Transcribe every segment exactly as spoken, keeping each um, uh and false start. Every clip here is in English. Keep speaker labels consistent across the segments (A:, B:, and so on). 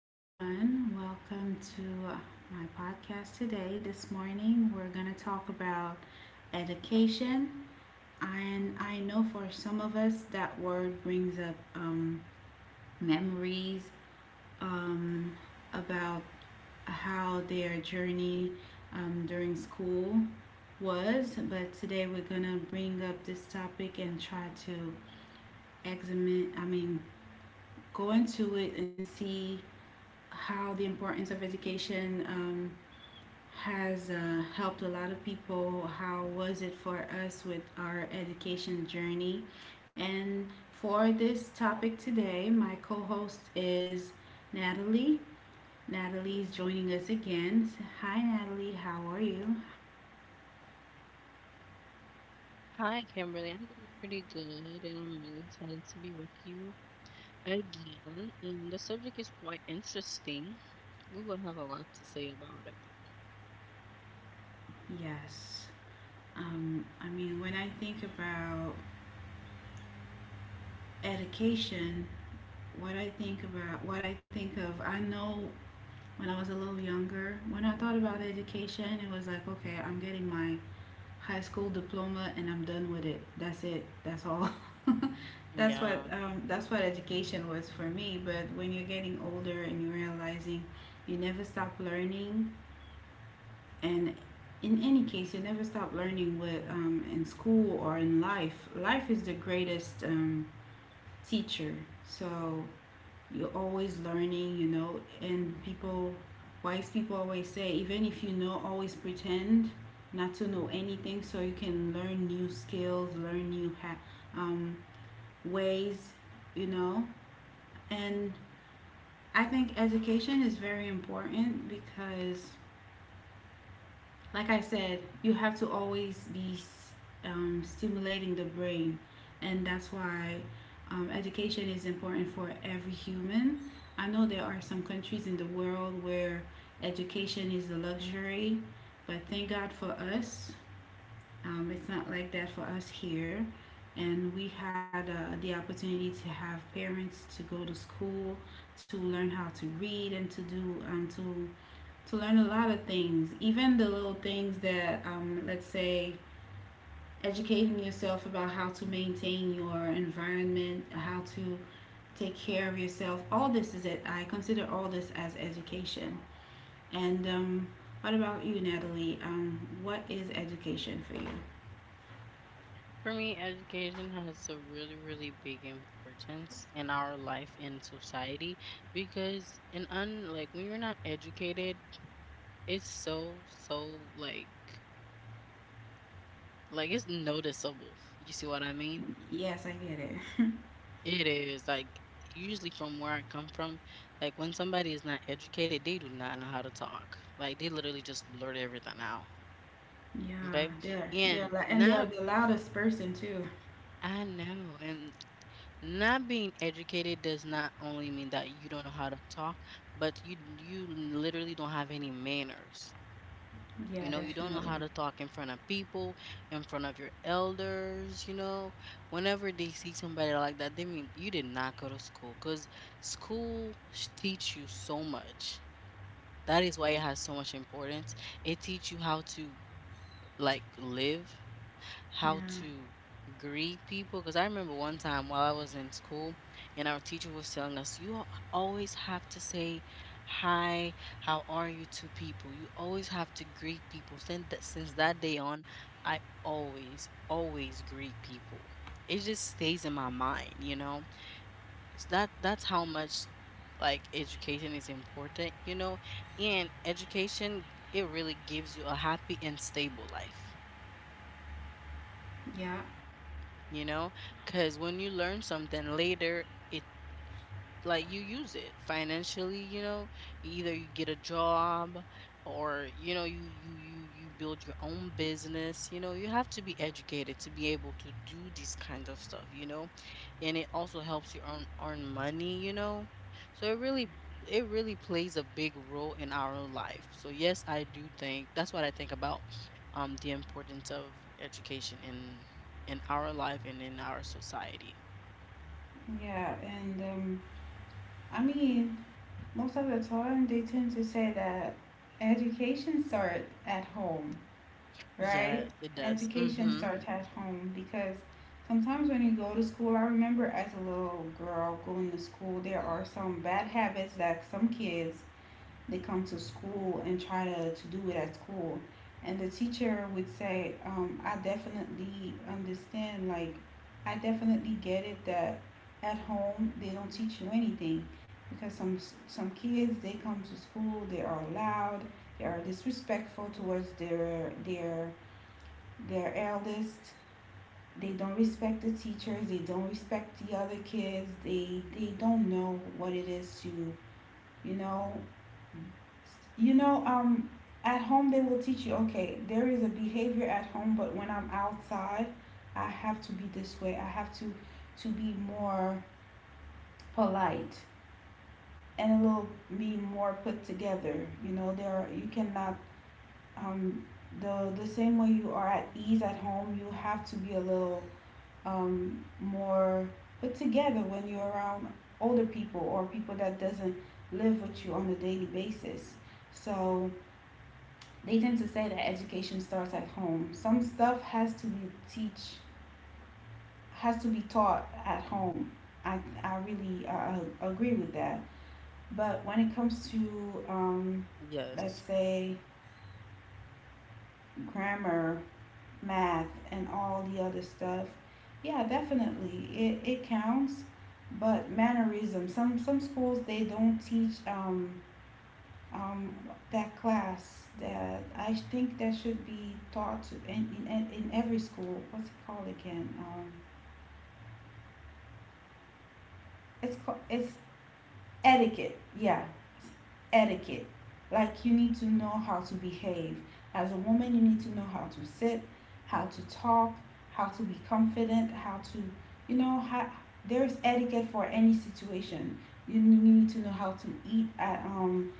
A: everyone. Welcome to uh, my podcast today. This morning, we're going to talk about education. And I know for some of us, that word brings up um, memories um, about how their journey um, during school was. But today, we're going to bring up this topic and try to examine, I mean, go into it and see how the importance of education um, has uh, helped a lot of people. How was it for us with our education journey? And for this topic today, my co host is Natalie. Natalie's joining us again. Hi, Natalie, how are you?
B: Hi, Kimberly. I'm doing pretty good, and I'm really excited to be with you again. And the subject is quite interesting. We will have a lot to say about it.
A: Yes. Um, I mean, when I think about education, what I think about, what I think of, I know when I was a little younger. When I thought about education, it was like, okay, I'm getting my high school diploma and I'm done with it. That's it. That's all. That's
B: Yeah.
A: what um, that's what education was for me. But when you're getting older and you're realizing you never stop learning, and in any case, you never stop learning with um, in school or in life. Life is the greatest um, teacher. So you're always learning, you know, and people, wise people always say, even if you know, always pretend not to know anything so you can learn new skills, learn new ha- um, ways, you know. And I think education is very important because like I said, you have to always be um, stimulating the brain, and that's why um, education is important for every human. I know there are some countries in the world where education is a luxury, but thank God for us, um, it's not like that for us here. And we had uh, the opportunity to have parents to go to school, to learn how to read and to do um, to to learn a lot of things, even the little things that, um, let's say, educating yourself about how to maintain your environment, how to take care of yourself. All this is it. I consider all this as education. And um, what about you, Natalie? Um, what is education for you?
B: For me, education has a really, really big importance in our life in society because in un like when you're not educated, it's so, so like like it's noticeable. You see what I mean?
A: Yes, I get it.
B: It is like usually from where I come from, like when somebody is not educated, they do not know how to talk. Like they literally just blurt everything out.
A: Yeah,
B: Okay.
A: they're they're
B: And
A: lou- and they're
B: not,
A: the loudest person too.
B: I know. And not being educated does not only mean that you don't know how to talk, but you you literally don't have any manners.
A: Yeah,
B: You know, you don't know
A: definitely.
B: how to talk in front of people, in front of your elders, you know. Whenever they see somebody like that, they mean you did not go to school because school sh- teach you so much. That is why it has so much importance. It teach you how to like live, how
A: Yeah,
B: to greet people. Because I remember one time while I was in school, and our teacher was telling us, you al- always have to say hi, how are you to people. You always have to greet people. Since that, since that day on, I always, always greet people. It just stays in my mind, you know. It's that That's how much like education is important, you know, and education it really gives you a happy and stable life.
A: yeah,
B: You know? Because when you learn something later, it like you use it financially, you know, either you get a job, or you know, you you you you build your own business, you know, you have to be educated to be able to do these kinds of stuff, you know. And it also helps you earn earn money, you know. So it really it really plays a big role in our life. So yes, I do think that's what I think about um the importance of education in in our life and in our society.
A: yeah. And um, I mean, most of the time, they tend to say that education starts at home, right?
B: Yes, it does.
A: Education
B: Mhm.
A: starts at home because sometimes when you go to school, I remember as a little girl going to school, there are some bad habits that some kids they come to school and try to, to do it at school. And the teacher would say, um, I definitely understand, like, I definitely get it that at home they don't teach you anything because some some kids they come to school, they are loud, they are disrespectful towards their their their eldest, they don't respect the teachers, they don't respect the other kids, they they don't know what it is to you know you know, um, at home they will teach you, okay, there is a behavior at home, but when I'm outside, I have to be this way. I have to to be more polite and a little be more put together. You know, there are, you cannot um the the same way you are at ease at home, you have to be a little um more put together when you're around older people or people that doesn't live with you on a daily basis. So they tend to say that education starts at home. Some stuff has to be teach has to be taught at home. I I really uh, agree with that.
B: Yes,
A: But when it comes to um, let's say grammar, math, and all the other stuff, yeah, definitely it it counts. But mannerism, some some schools they don't teach um, um, that class that I think that should be taught to in, in, in every school. What's it called again? Um, it's called it's etiquette. Yeah, it's etiquette. Like you need to know how to behave as a woman. You need to know how to sit, how to talk, how to be confident, how to you know how there's etiquette for any situation. You need to know how to eat at um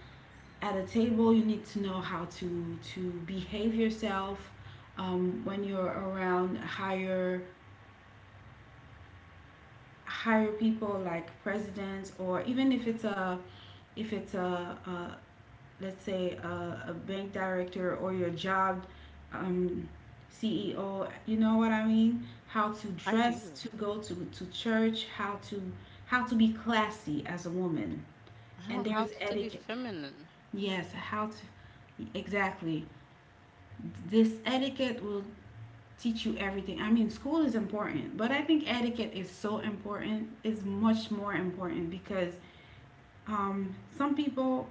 A: at a table, you need to know how to to behave yourself um, when you're around higher higher people like presidents, or even if it's a if it's a, a, let's say a, a bank director, or your job um, C E O, you know what I mean, how to
B: I do.
A: dress to go to to church, how to how to be classy as a woman, and
B: How
A: there's
B: how to be
A: etiquette.
B: feminine?
A: Yes, how to, exactly, this etiquette will teach you everything. I mean, school is important, but I think etiquette is so important, is much more important because um, some people,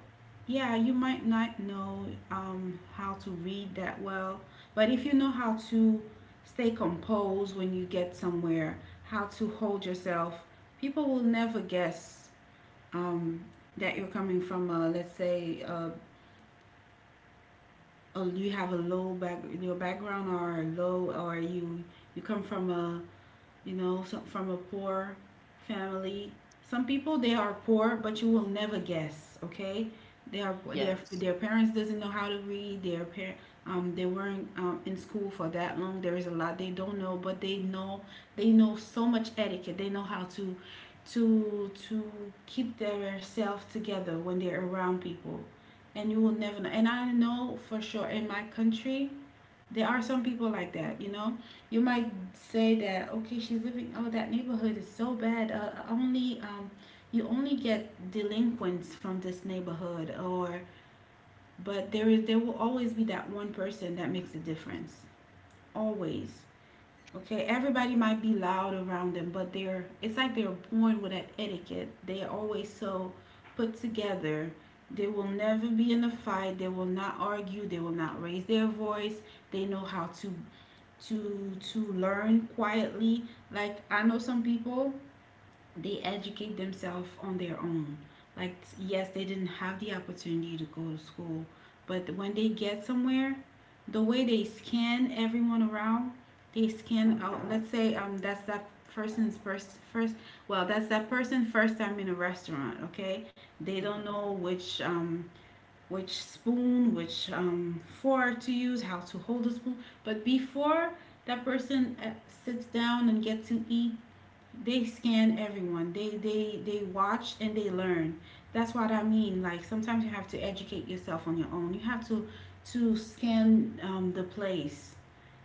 A: yeah, you might not know um, how to read that well, but if you know how to stay composed when you get somewhere, how to hold yourself, people will never guess um, that you're coming from, a, let's say, a, a, you have a low back, your background, or a low, or you you come from a you know, so, from a poor family. Some people they are poor, but you will never guess. Okay, they are their
B: Yes.
A: their parents doesn't know how to read. Their par- um they weren't um, in school for that long. There is a lot they don't know, but they know they know so much etiquette. They know how to to to keep their self together when they're around people, and you will never know. And I know for sure in my country there are some people like that, you know. You might say that, okay, she's living. Oh, that neighborhood is so bad. Uh, only um, you only get delinquents from this neighborhood, or but there is there will always be that one person that makes a difference. Always, okay. Everybody might be loud around them, but they're it's like they're born with that etiquette. They are always so put together. They will never be in a fight. They will not argue. They will not raise their voice. They know how to to to learn quietly. Like I know some people, they educate themselves on their own. Like yes, they didn't have the opportunity to go to school, but when they get somewhere, the way they scan everyone around, they scan out, let's say, um that's that person's first first, well, that's that person first time in a restaurant. Okay, they don't
B: Hmm.
A: know which um which spoon, which um, fork to use, how to hold a spoon. But before that person uh, sits down and gets to eat, they scan everyone. They they they watch and they learn. That's what I mean. Like sometimes you have to educate yourself on your own. You have to to scan um, the place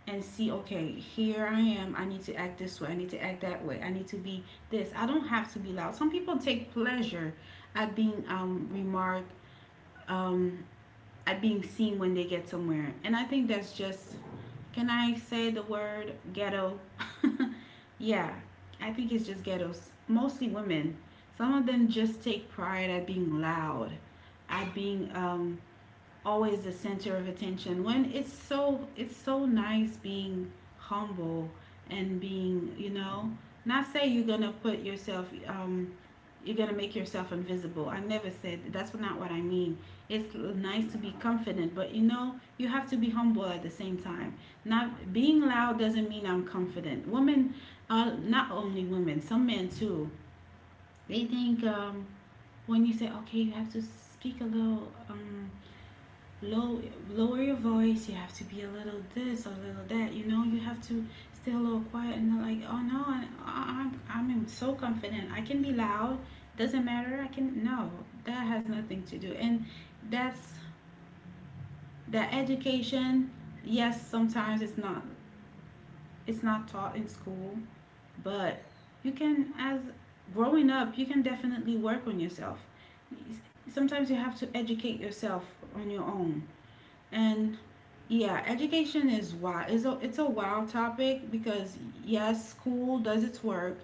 A: and see, okay, here I am, I need to act this way, I need to act that way, I need to be this, I don't have to be loud. Some people take pleasure at being um, remarked, um, at being seen when they get somewhere. And I think that's just, can I say the word ghetto? Yeah, I think it's just ghettos. Mostly women. Some of them just take pride at being loud, at being um, always the center of attention, when it's so, it's so nice being humble and being, you know, not say you're gonna put yourself um you're gonna make yourself invisible. I never said that. That's not what I mean. It's nice to be confident, but you know, you have to be humble at the same time. Not being loud doesn't mean I'm confident. Women uh, not only women, some men too, they think um when you say, okay, you have to speak a little um low, lower your voice, you have to be a little this, a little that, you know, you have to stay a little quiet, and they're like, oh no, I, I, I'm, I'm so confident, I can be loud, doesn't matter, I can, no, that has nothing to do. And that's that education. Yes, sometimes it's not it's not taught in school, but you can, as growing up you can definitely work on yourself, sometimes you have to educate yourself on your own. And yeah, education is wild. It's a, it's a wild topic because yes, school does its work.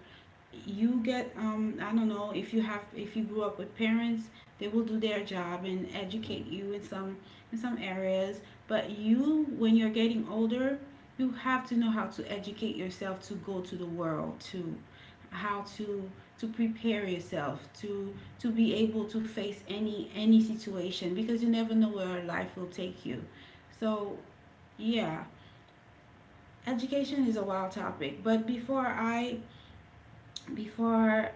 A: You get um I don't know if you have if you grew up with parents, they will do their job and educate you in some in some areas, but you, when you're getting older, you have to know how to educate yourself to go to the world, to how to to prepare yourself, to to be able to face any any situation because you never know where life will take you. So yeah, education is a wild topic, but before I before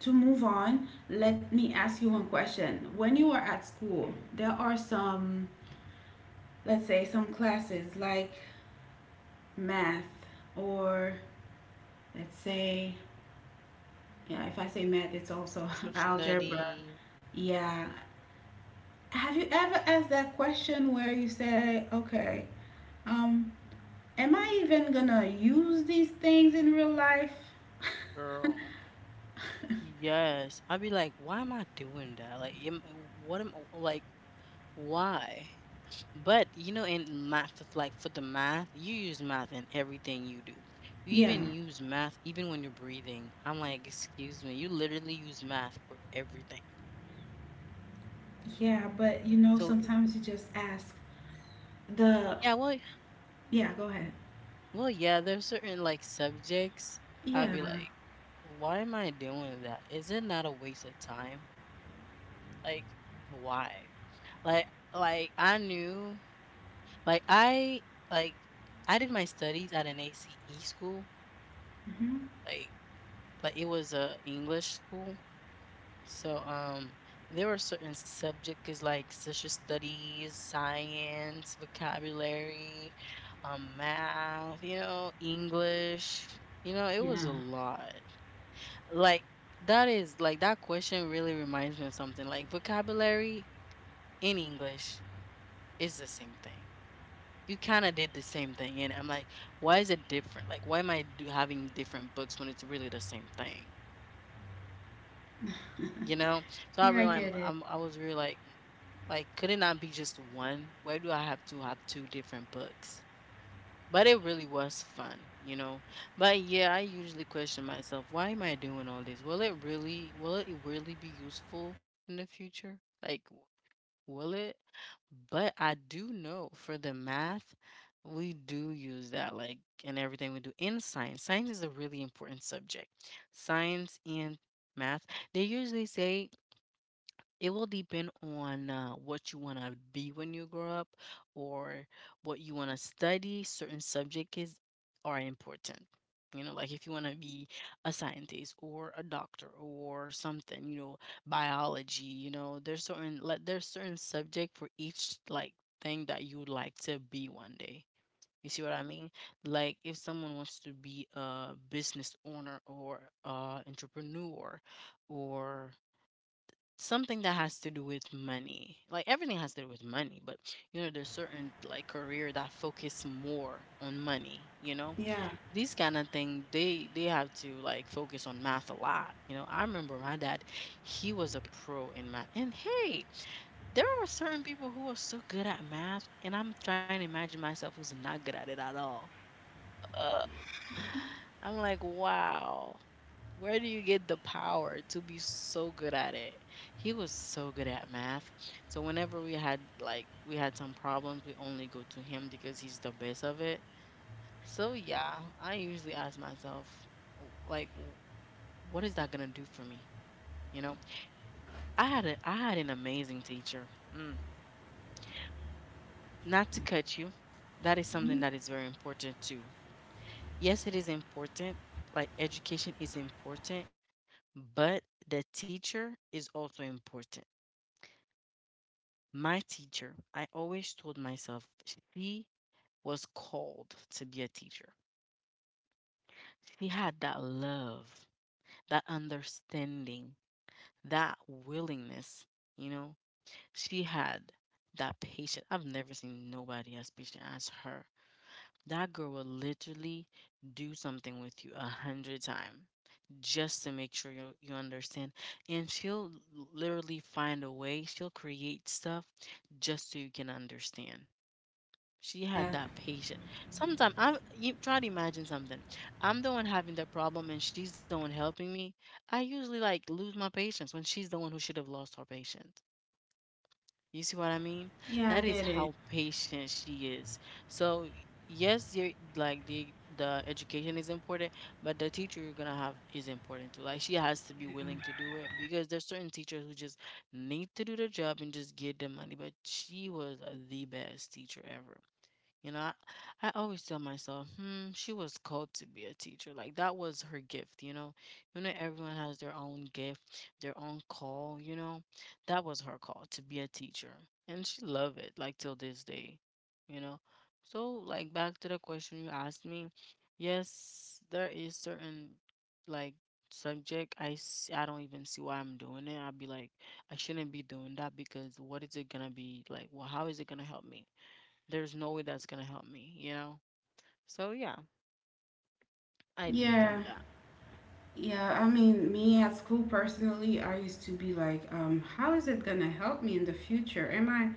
A: to move on, let me ask you one question. When you were at school, there are some, let's say, some classes like math or, let's say, yeah, if I say math, it's also
B: Social
A: algebra.
B: studies,
A: Yeah. Have you ever asked that question where you say, "Okay, um, am I even gonna use these things in real life?"
B: girl. Yes, I'd be like, why am I doing that? Like, am, what am like, why? But you know, in math, if, like for the math, you use math in everything you do. You
A: Yeah.
B: even use math even when you're breathing. I'm like, excuse me, you literally use math for everything.
A: Yeah, but you know,
B: So,
A: sometimes you just ask the.
B: yeah, well,
A: Yeah, go ahead.
B: Well, yeah, there's certain like subjects I'd
A: Yeah.
B: be like, why am I doing that? Is it not a waste of time? Like, why? Like, like I knew, like I like I did my studies at an A C E school,
A: Hmm.
B: like like it was a English school. So um, there were certain subjects like social studies, science, vocabulary, um, math, you know, English. You know, it was
A: Yeah.
B: a lot. Like that is like that question really reminds me of something. Like vocabulary in English is the same thing. You kind of did the same thing, and I'm like, why is it different? Like, why am I do, Having different books when it's really the same thing? You know? So I
A: Yeah, I
B: realized
A: get it.
B: I'm, I was really like, like, could it not be just one? Why do I have to have two different books? But it really was fun, you know. But yeah, I usually question myself, why am I doing all this? Will it really will it really be useful in the future? Like, will it? But I do know for the math, we do use that like in everything we do in science. Science is a really important subject. Science and math. They usually say it will depend on uh, what you want to be when you grow up, or what you want to study. Certain subjects is, are important. You know, like if you want to be a scientist or a doctor or something, you know, biology, you know, there's certain like there's certain subject for each like thing that you would like to be one day. You see what I mean? Like if someone wants to be a business owner or a entrepreneur or something that has to do with money. Like everything has to do with money, but you know, there's certain like career that focus more on money, you know?
A: Yeah.
B: These kind of thing, they they have to like focus on math a lot. You know, I remember my dad, he was a pro in math. And hey, there are certain people who are so good at math, and I'm trying to imagine myself who's not good at it at all. I'm like, wow, where do you get the power to be so good at it? He was so good at math. So whenever we had like we had some problems, we only go to him because he's the best of it. So yeah, I usually ask myself, w- like, w- what is that gonna do for me? You know, I had a I had an amazing teacher. Mm. Not to cut you, that is something that is very important too. Yes, it is important. Like education is important, but the teacher is also important. My teacher, I always told myself she was called to be a teacher. She had that love, that understanding, that willingness, you know? She had that patience. I've never seen nobody as patient as her. That girl will literally do something with you a hundred times just to make sure you, you understand. And she'll l- literally find a way, she'll create stuff just so you can understand. She had
A: Yeah.
B: that patience. Sometimes I'm you try to imagine something. I'm the one having the problem and she's the one helping me. I usually like lose my patience when she's the one who should have lost her patience. You see what I mean?
A: Yeah, I
B: That is
A: get it.
B: how patient she is. So y- yes, you are like the the education is important, but the teacher you're gonna have is important too. Like she has to be willing to do it because there's certain teachers who just need to do the job and just get the money. But she was the best teacher ever. You know, I, I always tell myself, hmm, she was called to be a teacher. Like that was her gift, you know. You know, everyone has their own gift, their own call, you know. That was her call to be a teacher. And she loved it, like till this day, you know. So, like back to the question you asked me, yes, there is certain like subject I s- I don't even see why I'm doing it. I'd be like, I shouldn't be doing that because what is it gonna be like? Well, how is it gonna help me? There's no way that's gonna help me, you know? So yeah, I do
A: Yeah.
B: think that.
A: Yeah, I mean, me at school personally, I used to be like, um, how is it gonna help me in the future? Am I,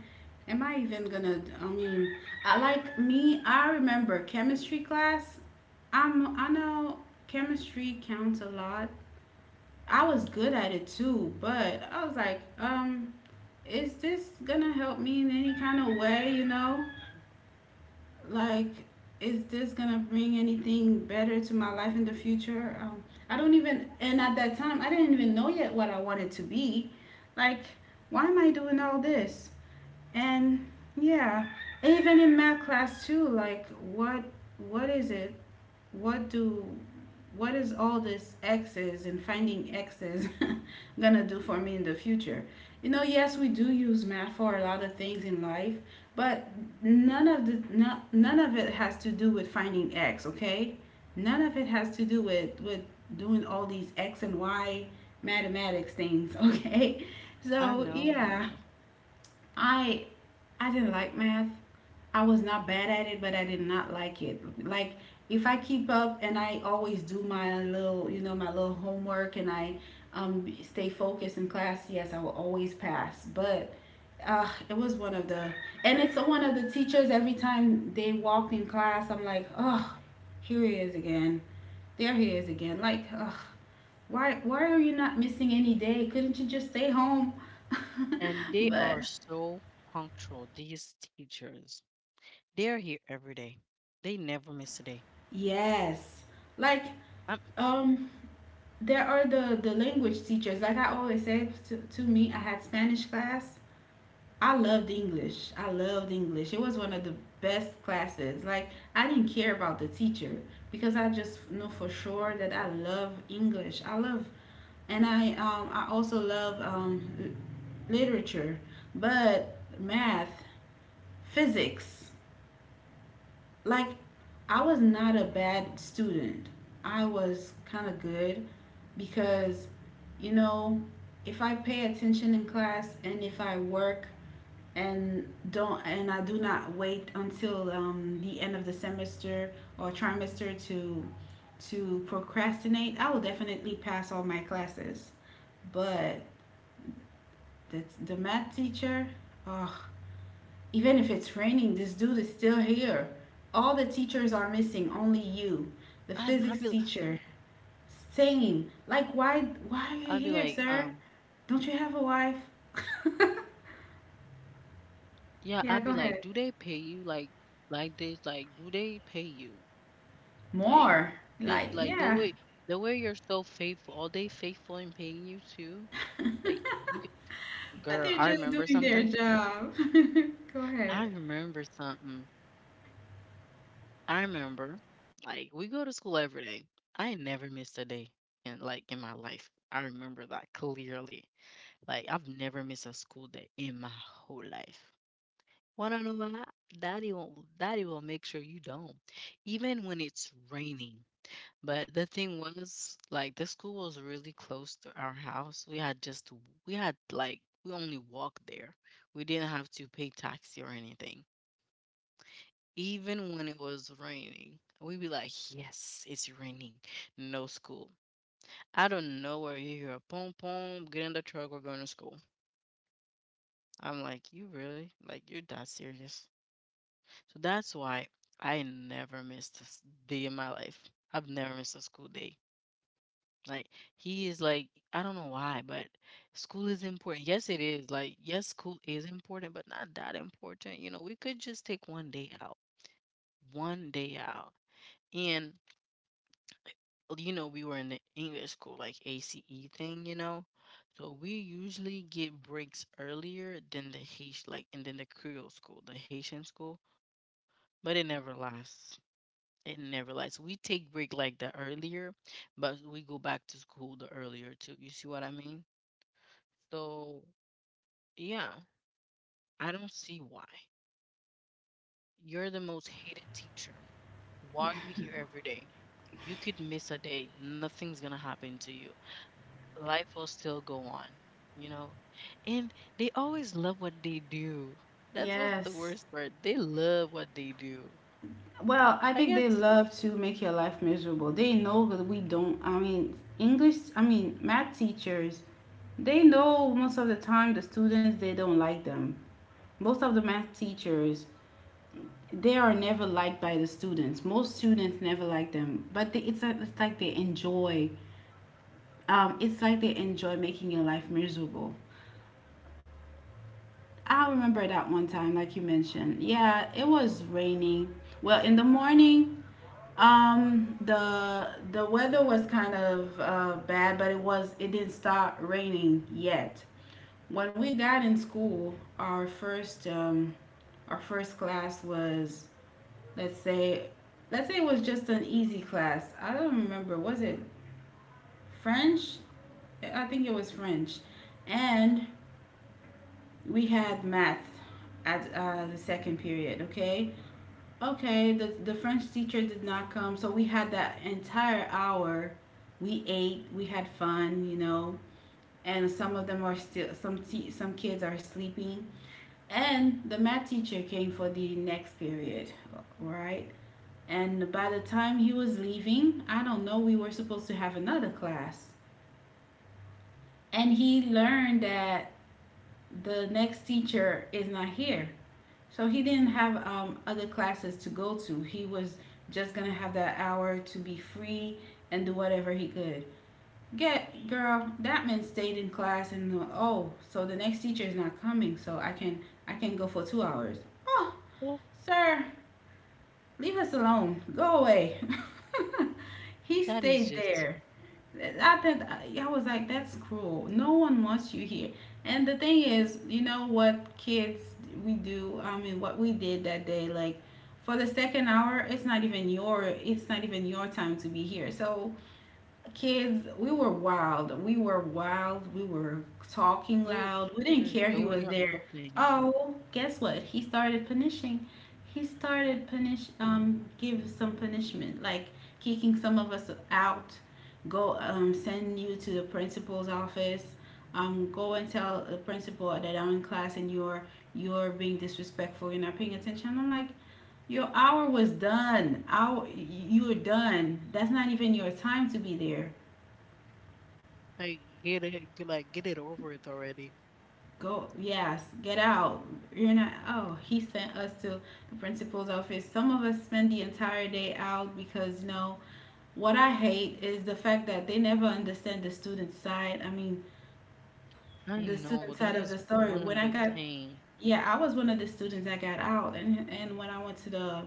A: am I even gonna? I mean, I like me. I remember chemistry class. I'm. I know chemistry counts a lot. I was good at it too, but I was like, um, is this gonna help me in any kind of way? You know, like is this gonna bring anything better to my life in the future um, I don't even, and at that time I didn't even know yet what I wanted to be. Like, why am I doing all this? And yeah, even in math class too. Like, what what is it what do what is all this x's and finding x's gonna do for me in the future? You know, yes, we do use math for a lot of things in life, but none of the no, none of it has to do with finding x, okay? None of it has to do with with doing all these x and y mathematics things, okay?
B: I
A: So, yeah,
B: know.
A: I I didn't like math. I was not bad at it, but I did not like it. Like, if I keep up and I always do my little, you know, my little homework and I, um, stay focused in class, yes, I will always pass. But uh, it was one of the, and it's one of the teachers. Every time they walked in class, I'm like, oh, here he is again. There he is again. Like, ugh, why, why are you not missing any day? Couldn't you just stay home?
B: And they
A: But
B: are so punctual, these teachers. They're here every day. They never miss a day.
A: yes. Like,
B: I'm
A: um, there are the the language teachers. Like I always say to, to me, I had Spanish class. I loved English. I loved English. It was one of the best classes. Like, I didn't care about the teacher because I just know for sure that I love English. I love, and I um I also love um l- literature, but math, physics. Like, I was not a bad student. I was kind of good because, you know, if I pay attention in class and if I work and don't and I do not wait until um, the end of the semester or trimester to to procrastinate, I will definitely pass all my classes. But the, the math teacher, oh, even if it's raining, this dude is still here. All the teachers are missing, only you,
B: I
A: the
B: I'd be
A: physics teacher. Same. Like, why, why are
B: I'd
A: you
B: be
A: here,
B: like,
A: sir?
B: um,
A: Don't you have a wife?
B: yeah,
A: Yeah,
B: I'd be
A: go
B: like,
A: ahead.
B: do they pay you like like this? Like, do they pay you? Like
A: More.
B: the
A: Like,
B: like the
A: yeah.
B: way the way you're so faithful, are they faithful in paying you too?
A: But
B: Like you can, girl,
A: they're
B: I
A: just
B: remember
A: doing their
B: something.
A: job. Go ahead.
B: I remember something. I remember, like, we go to school every day. I never missed a day in like in my life. I remember that clearly. Like, I've never missed a school day in my whole life. Wanna know why? Daddy will, Daddy will make sure you don't, even when it's raining. But the thing was, like, the school was really close to our house. We had just, to- we had like, we only walked there. We didn't have to pay taxi or anything. Even when it was raining, we'd be like, yes, it's raining, no school. I don't know where you hear a pom pom, get in the truck, we're going to school. I'm like, you really? Like, you're that serious? So that's why I never missed a s- day in my life. I've never missed a school day. Like, he is like, I don't know why, but school is important. Yes, it is. Like, yes, school is important, but not that important. You know, we could just take one day out, one day out. And you know, we were in the English school, like A C E thing, you know. So we usually get breaks earlier than the Haitian, like, and then the Creole school, the Haitian school, but it never lasts. It never lasts. We take break like the earlier, but we go back to school the earlier too. You see what I mean? So yeah, I don't see why. You're the most hated teacher. Why are you here every day? You could miss a day. Nothing's gonna happen to you. Life will still go on, you know? And they always love what they do. That's what's the
A: Yes.
B: worst part. They love what they do.
A: Well, I
B: I
A: think they
B: guess,
A: love to make your life miserable. They know that we don't. I mean, English, I mean, math teachers, they know most of the time the students they don't like them. Most of the math teachers, they are never liked by the students. Most students never like them, but they, it's like, it's like they enjoy. Um, it's like they enjoy making your life miserable. I remember that one time, like you mentioned. Yeah, it was raining. Well, in the morning, um, the the weather was kind of uh, bad, but it was, it didn't start raining yet. When we got in school, our first um, our first class was, let's say, let's say it was just an easy class. I don't remember. Was it French? I think it was French, and we had math at uh, the second period. Okay, okay. The the French teacher did not come, so we had that entire hour. We ate. We had fun. You know. And some of them are still, some te- some kids are sleeping. And the math teacher came for the next period, right? And by the time he was leaving, I don't know, we were supposed to have another class. And he learned that the next teacher is not here. So he didn't have um, other classes to go to. He was just gonna have that hour to be free and do whatever he could. Get girl, that man stayed in class, and oh, so the next teacher is not coming, so I can, I can go for two hours. Oh,
B: well,
A: sir, leave us alone. Go away. He
B: that is
A: stayed
B: just
A: there. I think I was like, that's cruel. No one wants you here. And the thing is, you know what kids we do. I mean, what we did that day, like, for the second hour, it's not even your, it's not even your time to be here. So kids, we were wild we were wild we were talking
B: do
A: loud, we didn't
B: just
A: care he
B: doing
A: was
B: your
A: there.
B: own thing.
A: Oh, guess what? He started punishing, he started punish um give some punishment, like kicking some of us out. Go, um send you to the principal's office, um go and tell the principal that I'm in class, and you're you're being disrespectful, you're not paying attention. I'm like, your hour was done. Hour, you're done. That's not even your time to be there.
B: Like get it, get- like get it over with already.
A: Go, yes, get out. You're not, oh, he sent us to the principal's office. Some of us spend the entire day out because, you know, what I hate is the fact that they never understand the student side. I mean,
B: I
A: the
B: know
A: student
B: that
A: side of
B: is
A: the story.
B: one
A: When I
B: other
A: got,
B: thing.
A: yeah, I was one of the students that got out, and and when I went to the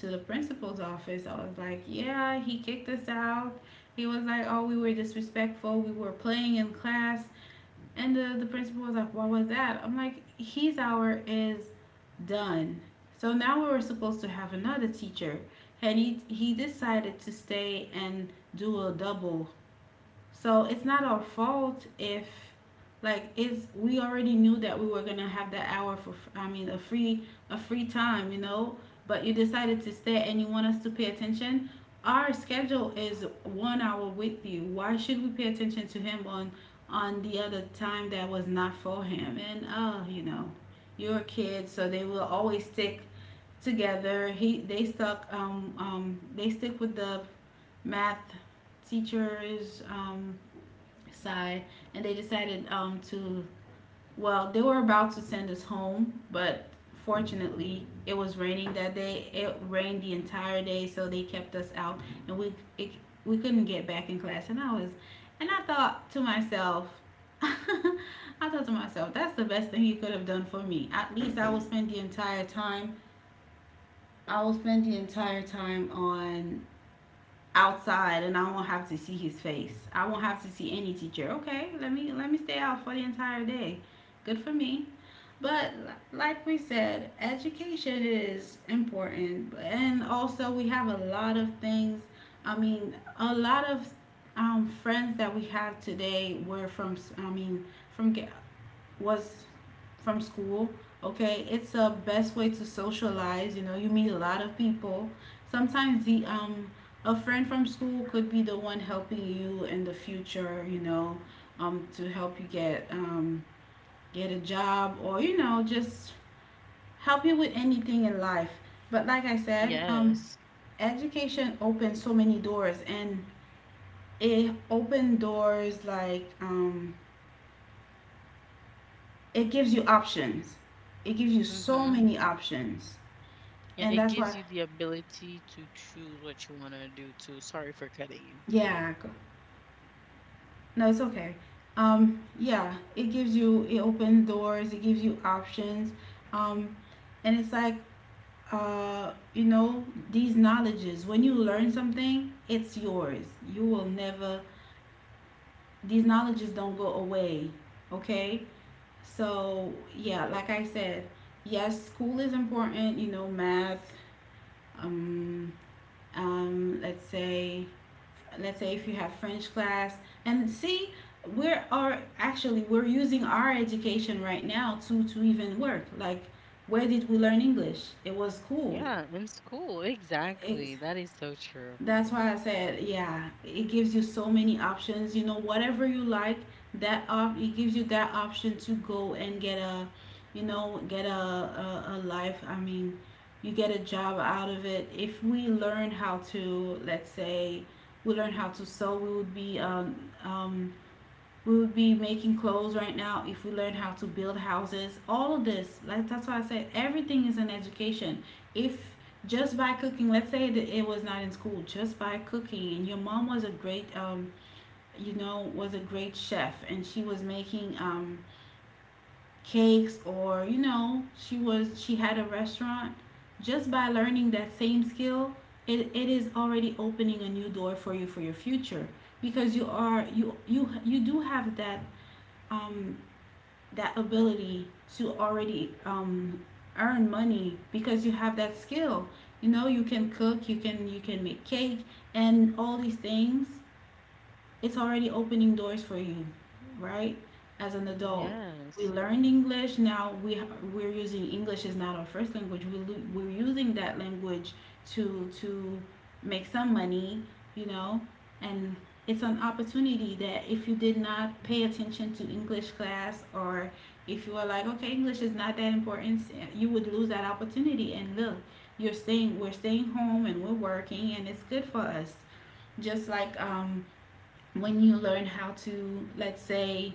A: to the principal's office, I was like, yeah, he kicked us out. He was like, oh, we were disrespectful. We were playing in class. And the, the principal was like, "Why was that?" I'm like, his hour is done. So now we were supposed to have another teacher. And he, he decided to stay and do a double, so it's not our fault if, like, it's, we already knew that we were gonna have that hour for, I mean, a free, a free time, you know. But you decided to stay, and you want us to pay attention. Our schedule is one hour with you. Why should we pay attention to him on on the other time that was not for him? And uh, you know, you're a kid, so they will always stick together. He, they stuck um um they stick with the math teachers um side, and they decided um, to, well, they were about to send us home, but fortunately, it was raining that day. It rained the entire day, so they kept us out, and we it, we couldn't get back in class. And I was, and I thought to myself, I thought to myself, that's the best thing he could have done for me. At least I will spend the entire time. I will spend the entire time on outside, and I won't have to see his face. I won't have to see any teacher. Okay, let me let me stay out for the entire day. Good for me. But like we said, education is important, and also we have a lot of things. I mean, a lot of um, friends that we have today were from, I mean, from was from school. Okay, it's a best way to socialize. You know, you meet a lot of people. Sometimes the um a friend from school could be the one helping you in the future. You know, um to help you get um get a job, or you know, just help you with anything in life. But like I said, um
B: Yes.
A: education opens so many doors, and it opened doors like, um it gives you options. It gives you so
B: Mhm.
A: many options.
B: Yeah,
A: And
B: it
A: that's
B: gives
A: why,
B: you the ability to choose what you want to do too. Sorry for cutting you.
A: yeah, no, it's okay. Um, yeah, it gives you, it opens doors, it gives you options. Um, and it's like, uh, you know, these knowledges, when you learn something, it's yours. You will never, these knowledges don't go away, okay? So, yeah, like I said, yes, school is important, you know, math, um, um, let's say, let's say if you have French class, and see, we're are actually we're using our education right now to to even work. Like, where did we learn English? It was cool.
B: Yeah, in school, exactly.
A: Ex-
B: That is so true.
A: that's why I said, yeah, it gives you so many options. You know, whatever you like, that op it gives you that option to go and get a, you know, get a, a, a life. I mean, you get a job out of it. If we learn how to, let's say, we learn how to sew, we would be um, um, we would be making clothes right now. If we learn how to build houses, all of this, like that's why I said everything is an education. If Just by cooking, let's say that it was not in school, just by cooking, and your mom was a great um you know, was a great chef, and she was making um cakes, or you know, she was she had a restaurant, just by learning that same skill, it, it is already opening a new door for you for your future, because you are you you you do have that um that ability to already um, earn money because you have that skill. You know, you can cook, you can you can make cake and all these things. It's already opening doors for you, right? As an adult, we
B: Yes,
A: learned English. Now we we're using English is not our first language. We we're using that language to to make some money, you know, and it's an opportunity that if you did not pay attention to English class, or if you were like, okay, English is not that important, you would lose that opportunity. And look, you're staying, we're staying home and we're working, and it's good for us. Just like um, when you learn how to, let's say,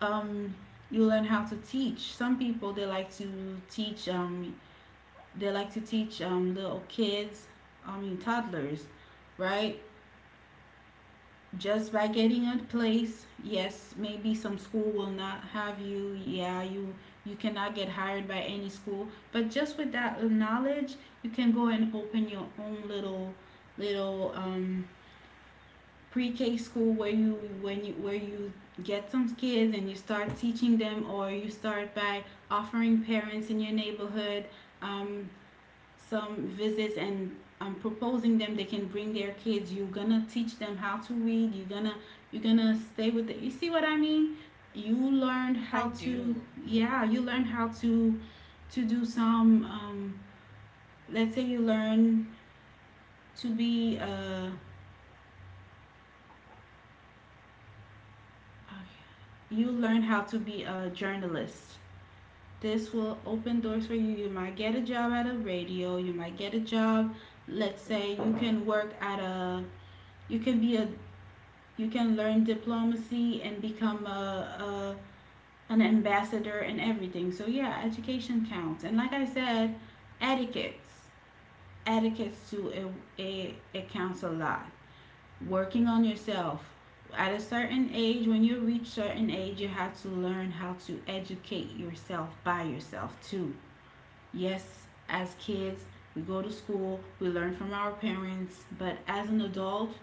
A: um you learn how to teach some people. They like to teach um they like to teach um little kids, I mean toddlers, right? Just by getting a place, yes, maybe some school will not have you, yeah, you you cannot get hired by any school, but just with that knowledge, you can go and open your own little little um pre-K school where you when you where you get some kids and you start teaching them, or you start by offering parents in your neighborhood um, some visits and um, proposing them they can bring their kids. You're gonna teach them how to read. You're gonna you're gonna stay with it. You see what I mean? You
B: I
A: learned how
B: do.
A: to, yeah. You learn how to to do some. Um, let's say you learn to be a you learn how to be a journalist. This will open doors for you. You might get a job at a radio. You might get a job. Let's say you can work at a. You can be a. You can learn diplomacy and become a, a an ambassador and everything. So yeah, education counts. And like I said, etiquettes. Etiquettes too. It it, it counts a lot. Working on yourself. At a certain age, when you reach certain age, you have to learn how to educate yourself by yourself too. Yes, as kids, we go to school, we learn from our parents, but as an adult,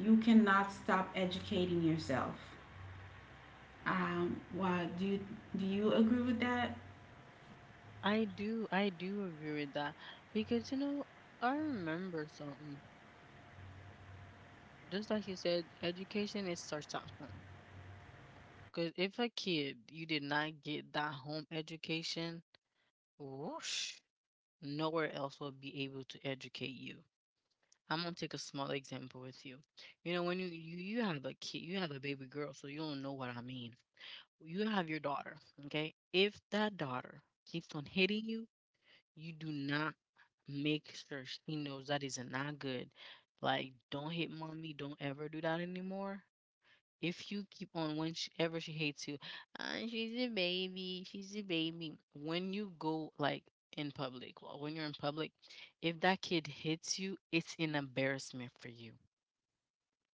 A: you cannot stop educating yourself. Um, why do you, do you agree with that?
B: I do. I do agree with that because, you know, I remember something. Just like you said, education it starts at home. Because if a kid you did not get that home education, whoosh, nowhere else will be able to educate you. I'm gonna take a small example with you. You know, when you you, you have a kid, you have a baby girl, so you don't know what I mean. You have your daughter, okay? If that daughter keeps on hitting you you do not make sure she knows that is not good. Like, don't hit mommy. Don't ever do that anymore. If you keep on whenever she, ever she hates you, uh, she's a baby. She's a baby. When you go, like, in public, or when you're in public, if that kid hits you, it's an embarrassment for you.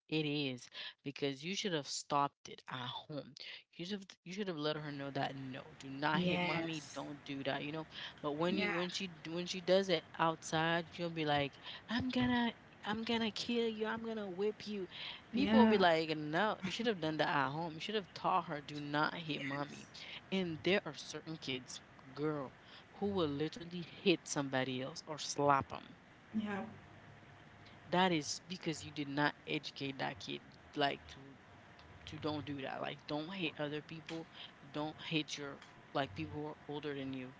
B: It is because you should have stopped it at home. You should have you should have let her know that no, do not hit mommy.
A: Yes.
B: Don't do that. You know. But when you
A: Yeah.
B: when she d- when she does it outside, you'll be like, I'm gonna I'm gonna kill you. I'm gonna whip you. People will be
A: Yeah.
B: like, no, you should have done that at home. You should have taught her do not hit
A: Yes.
B: mommy. And there are certain kids, girl, who will literally hit somebody else or slap them.
A: Yeah.
B: That is because you did not educate that kid like to to don't do that. Like, don't hate other people. Don't hate your like people who are older than you.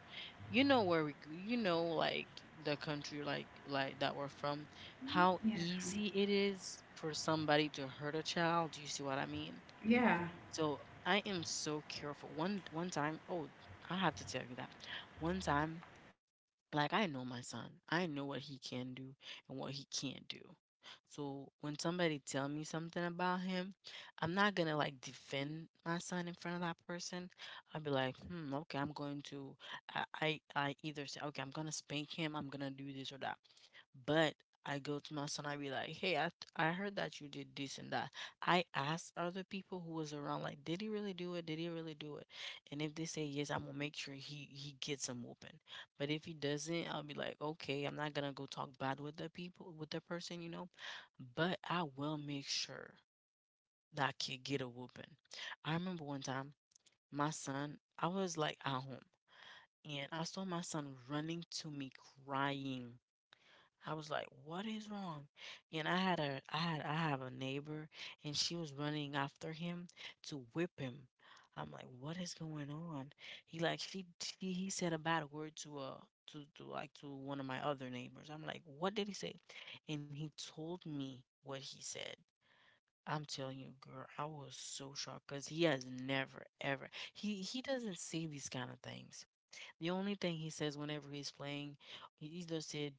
B: You know where we, c- you know, like, the country, like like that we're from, how
A: Yeah.
B: easy it is for somebody to hurt a child. Do you see what I mean?
A: Yeah.
B: So I am so careful. One one time, oh, I have to tell you that. One time, like, I know my son. I know what he can do and what he can't do. So when somebody tell me something about him, I'm not gonna like defend my son in front of that person. I'll be like, hmm, okay, I'm going to, I, I, I either say, okay, I'm gonna spank him, I'm gonna do this or that. But I go to my son, I be like, hey, I, I heard that you did this and that. I ask other people who was around, like, did he really do it? Did he really do it? And if they say yes, I'm gonna make sure he he gets him whooping. But if he doesn't, I'll be like, okay, I'm not gonna go talk bad with the people, with the person, you know, but I will make sure that I kid get a whooping. I remember one time, my son, I was like at home and I saw my son running to me crying. I was like, "What is wrong?" And I had a I had I have a neighbor and she was running after him to whip him. I'm like, "What is going on?" He like she, she he said a bad word to uh to to like to one of my other neighbors. I'm like, "What did he say?" And he told me what he said. I'm telling you, girl, I was so shocked because he has never ever he he doesn't say these kind of things. The only thing he says whenever he's playing, he either said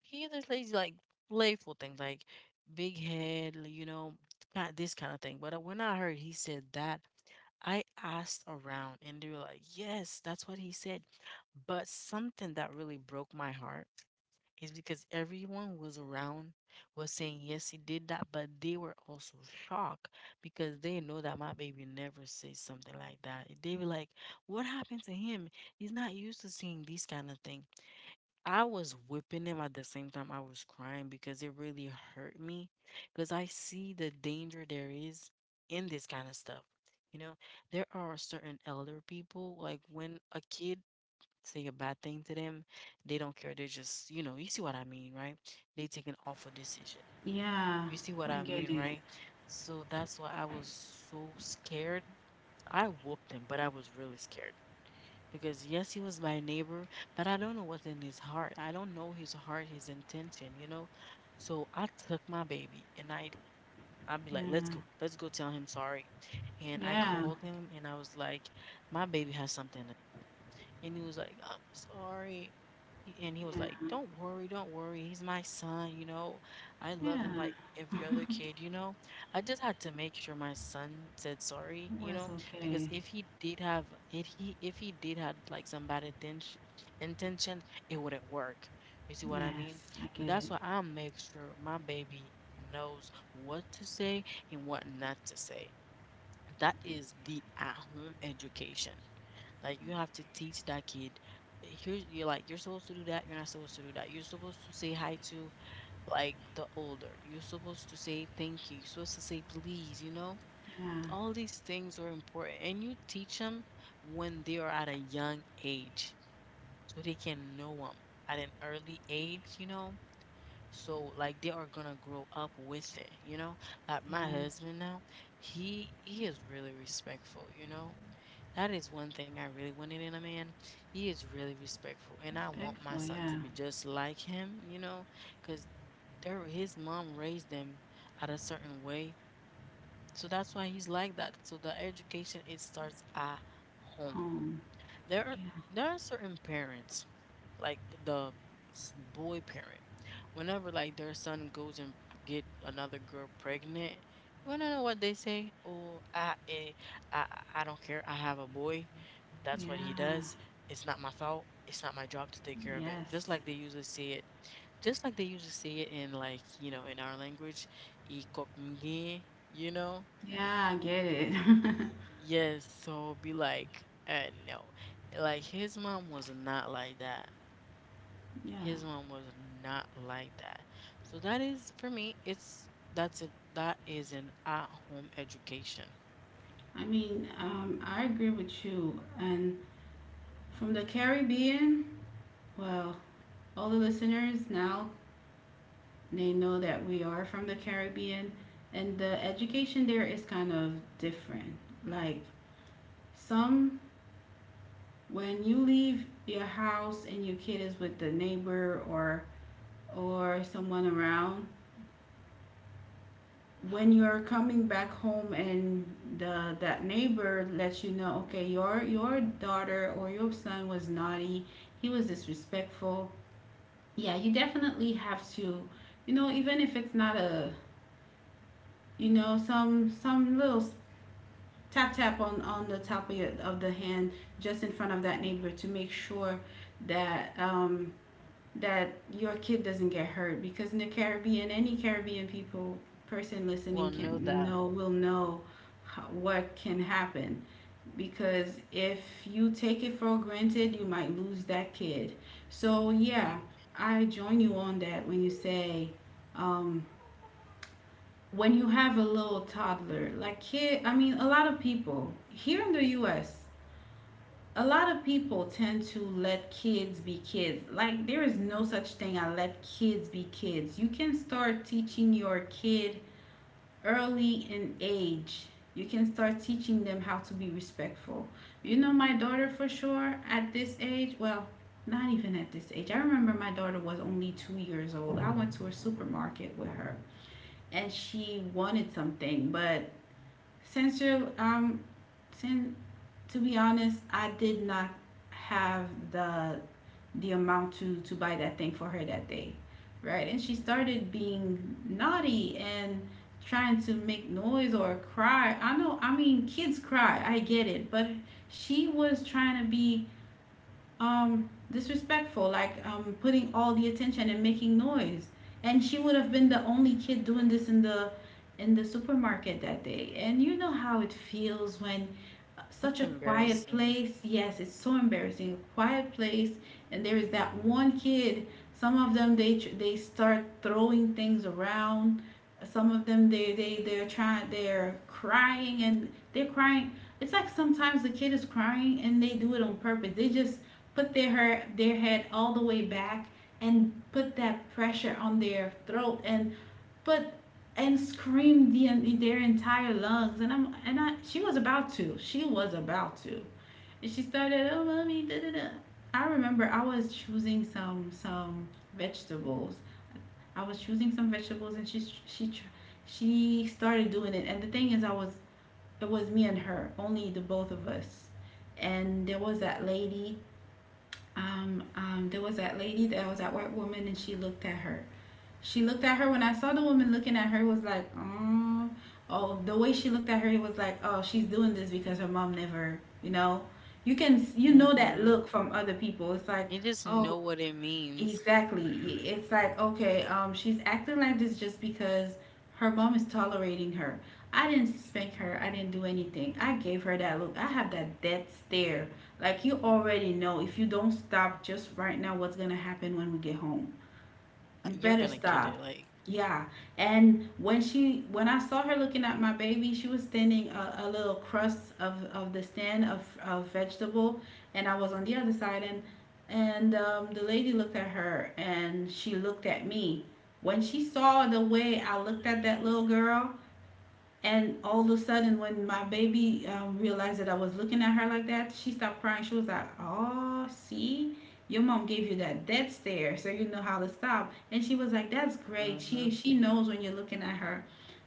B: he either says like playful things like big head, you know, kind this kind of thing. But uh, when I heard he said that, I asked around and they were like, "Yes, that's what he said." But something that really broke my heart is because everyone was around was saying yes he did that, but they were also shocked because they know that my baby never says something like that. They were like, what happened to him? He's not used to seeing these kind of thing. I was whipping him at the same time I was crying because it really hurt me because I see the danger there is in this kind of stuff you know there are certain elder people, like, when a kid say a bad thing to them, they don't care. They're just, you know, you see what I mean, right? They take an awful decision.
A: Yeah.
B: You see what
A: I
B: I
A: get
B: mean,
A: it.
B: right? So that's why I was so scared. I whooped him, but I was really scared because yes, he was my neighbor, but I don't know what's in his heart. I don't know his heart, his intention, you know. So I took my baby and I I'd be like, let's
A: Yeah.
B: go, let's go tell him sorry. And I
A: Yeah.
B: called him and I was like, my baby has something and he was like, I'm sorry. He- And he was
A: Yeah.
B: like, Don't worry, don't worry. He's my son, you know. I love him
A: Yeah.
B: like every other kid, you know. I just had to make sure my son said sorry, you
A: Was
B: know, because
A: okay.
B: if he did have if he if he did had like some bad intention intention, it wouldn't work. You see what I mean?
A: Yes, I
B: But
A: get
B: that's
A: it.
B: why I make sure my baby knows what to say and what not to say. That is the at-home education. Like you have to teach that kid. Here's you're like You're supposed to do that. You're not supposed to do that. You're supposed to say hi to, like, the older. You're supposed to say thank you. You're supposed to say please. You know
A: Yeah.
B: all these things are important, and you teach them when they are at a young age, so they can know them at an early age. You know, so like they are gonna grow up with it, you know? Like my
A: Yes.
B: husband now, he he is really respectful, you know? That is one thing I really wanted in a man. He is really respectful, and I want my
A: Respectful.
B: son to
A: Yeah.
B: be just like him, you know, because their his mom raised them at a certain way. So that's why he's like that. So the education it starts at home.
A: Home.
B: there are
A: Yeah.
B: there are certain parents, like the s- boy parent, whenever like their son goes and get another girl pregnant, you want to know what they say? Oh, I, eh, I i I don't care, I have a boy, that's what he
A: Yeah.
B: does. It's not my fault, it's not my job to take care of it.
A: Yes.
B: Just like they usually say it, just like they usually say it in, like you know in our language, "I kok mge," you know
A: Yeah, I get it.
B: Y- Yes, so be like, uh, no. Like his mom was not like that.
A: yeah.
B: His mom was not like that. So that is for me, it's that's it that is an at-home education.
A: I mean, um, I agree with you. And from the Caribbean, well, all the listeners now they know that we are from the Caribbean, and the education there is kind of different. Like some, when you leave your house and your kid is with the neighbor, or or someone around, when you're coming back home and the that neighbor lets you know, okay, your your daughter or your son was naughty, he was disrespectful, yeah, you definitely have to, you know, even if it's not a, you know, some some little tap tap on on the top of, your, of the hand, just in front of that neighbor to make sure that um that your kid doesn't get hurt. Because in the Caribbean, any Caribbean people person listening
B: Well, know
A: can
B: that
A: know will know how, what can happen, because if you take it for granted, you might lose that kid. So yeah,
B: you
A: I join you on that when you say um, when you have a little toddler, like kid. I mean, a lot of people here in the U.S, a lot of people tend to let kids be kids. Like, there is no such thing as let kids be kids. You can start teaching your kid early in age. You can start teaching them how to be respectful. You know, my daughter for sure at this age, well, not even at this age. I remember my daughter was only two years old. I went to a supermarket with her and she wanted something. But since you're, um, since to be honest, I did not have the the amount to to buy that thing for her that day, right? And she started being naughty and trying to make noise or cry. I know, I mean, kids cry. I get it, but she was trying to be um disrespectful, like um putting all the attention and making noise. And she would have been the only kid doing this in the in the supermarket that day. And you know how it feels when such a
B: that's
A: quiet
B: embarrassing.
A: place. Yes, it's so embarrassing. Quiet place, and there is that one kid. Some of them, they they start throwing things around. Some of them, they they they're trying they're crying and they're crying. It's like sometimes the kid is crying and they do it on purpose. They just put their her, their head all the way back and put that pressure on their throat and but and screamed the their entire lungs, and I'm and I she was about to she was about to and she started, oh mommy da da da. I remember I was choosing some some vegetables. I was choosing some vegetables and she she she started doing it, and the thing is, I was it was me and her only, the both of us. And there was that lady, um um there was that lady that was that white woman, and she looked at her, she looked at her when I saw the woman looking at her, it was like, oh, oh, the way she looked at her, it was like, oh, she's doing this because her mom never, you know. You can you know that
B: Mm-hmm.
A: look from other people. It's like,
B: You just
A: oh,
B: know what it means.
A: exactly. It's like, okay, um, she's acting like this just because her mom is tolerating her. I didn't spank her. I didn't do anything. I gave her that look. I have that death stare. Like, you already know if you don't stop just right now what's going to happen when we get home.
B: uh,
A: You
B: You're
A: better
B: gonna get it.
A: stop.
B: Like,
A: Yeah. And when she when I saw her looking at my baby, she was standing a, a little crust of, of the stand of, of vegetable, and I was on the other side, and and um, the lady looked at her, and she looked at me. When she saw the way I looked at that little girl, and all of a sudden, when my baby um, realized that I was looking at her like that, she stopped crying. She was like, "Oh, see, your mom gave you that dead stare, so you know how to stop." And she was like, "That's great.
B: Mm-hmm.
A: She she knows when you're looking at her."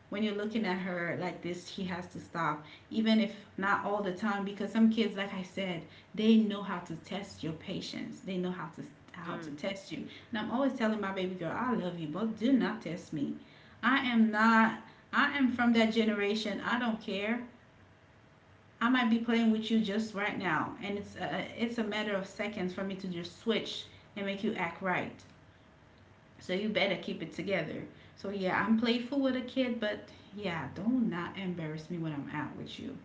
A: When you're looking at her like this, she has to stop, even if not all the time, because some kids, like I said, they know how to test your patience. They know how to how to
B: Mm,
A: test you. And I'm always telling my baby girl, I love you, but do not test me. I am not. I am from that generation. I don't care. I might be playing with you just right now, and it's a, it's a matter of seconds for me to just switch and make you act right. So you better keep it together. So yeah, I'm playful with a kid, but yeah, don't not embarrass me when I'm out with you.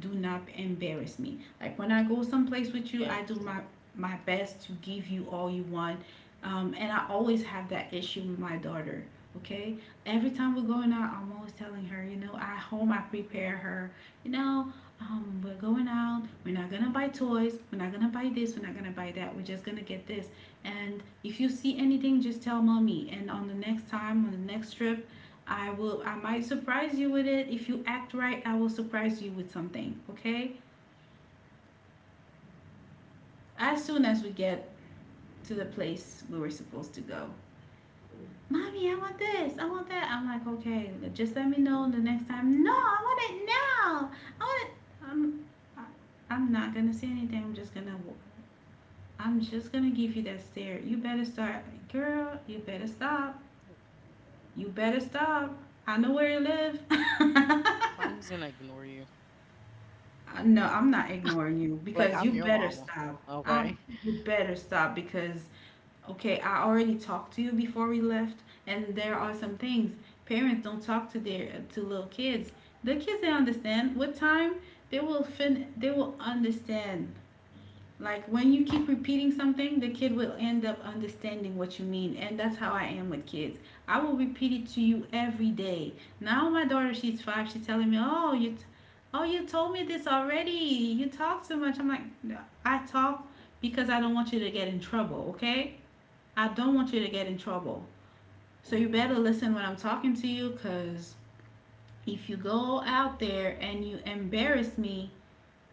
A: Do not embarrass me. Like, when I go someplace with you, I do
B: yes.
A: my my best to give you all you want. Um, and I always have that issue with my daughter. Okay, every time we're going out, I'm always telling her, you know, at home I prepare her, you know, um, we're going out, we're not gonna buy toys, we're not gonna buy this, we're not gonna buy that, we're just gonna get this. And if you see anything, just tell mommy, and on the next time, on the next trip I will I might surprise you with it. If you act right, I will surprise you with something, okay? As soon as we get to the place where we're supposed to go. Mommy, I want this, I want that. I'm like, okay, just let me know the next time. No, I want it now. I want it. I'm, I, I'm not gonna say anything. I'm just gonna, I'm just gonna give you that stare. You better start, girl. You better stop. You better stop. I
B: I'm
A: know
B: just
A: where
B: gonna
A: you
B: ignore
A: live.
B: you. Like
A: Uh,
B: I'm
A: No,
B: your
A: I'm
B: mama.
A: not ignoring you
B: Okay.
A: because you better stop. Um, you better stop because okay, I already talked to you before we left, and there are some things parents don't talk to their to little kids. The kids, they understand with time, they will fin they will understand. Like when you keep repeating something, the kid will end up understanding what you mean. And that's how I am with kids. I will repeat it to you every day. Now my daughter, she's five, she's telling me, "Oh, you t- oh, you told me this already. You talk too much." I'm like, "No, I talk because I don't want you to get in trouble, okay? I don't want you to get in trouble. So you better listen when I'm talking to you, because if you go out there and you embarrass me,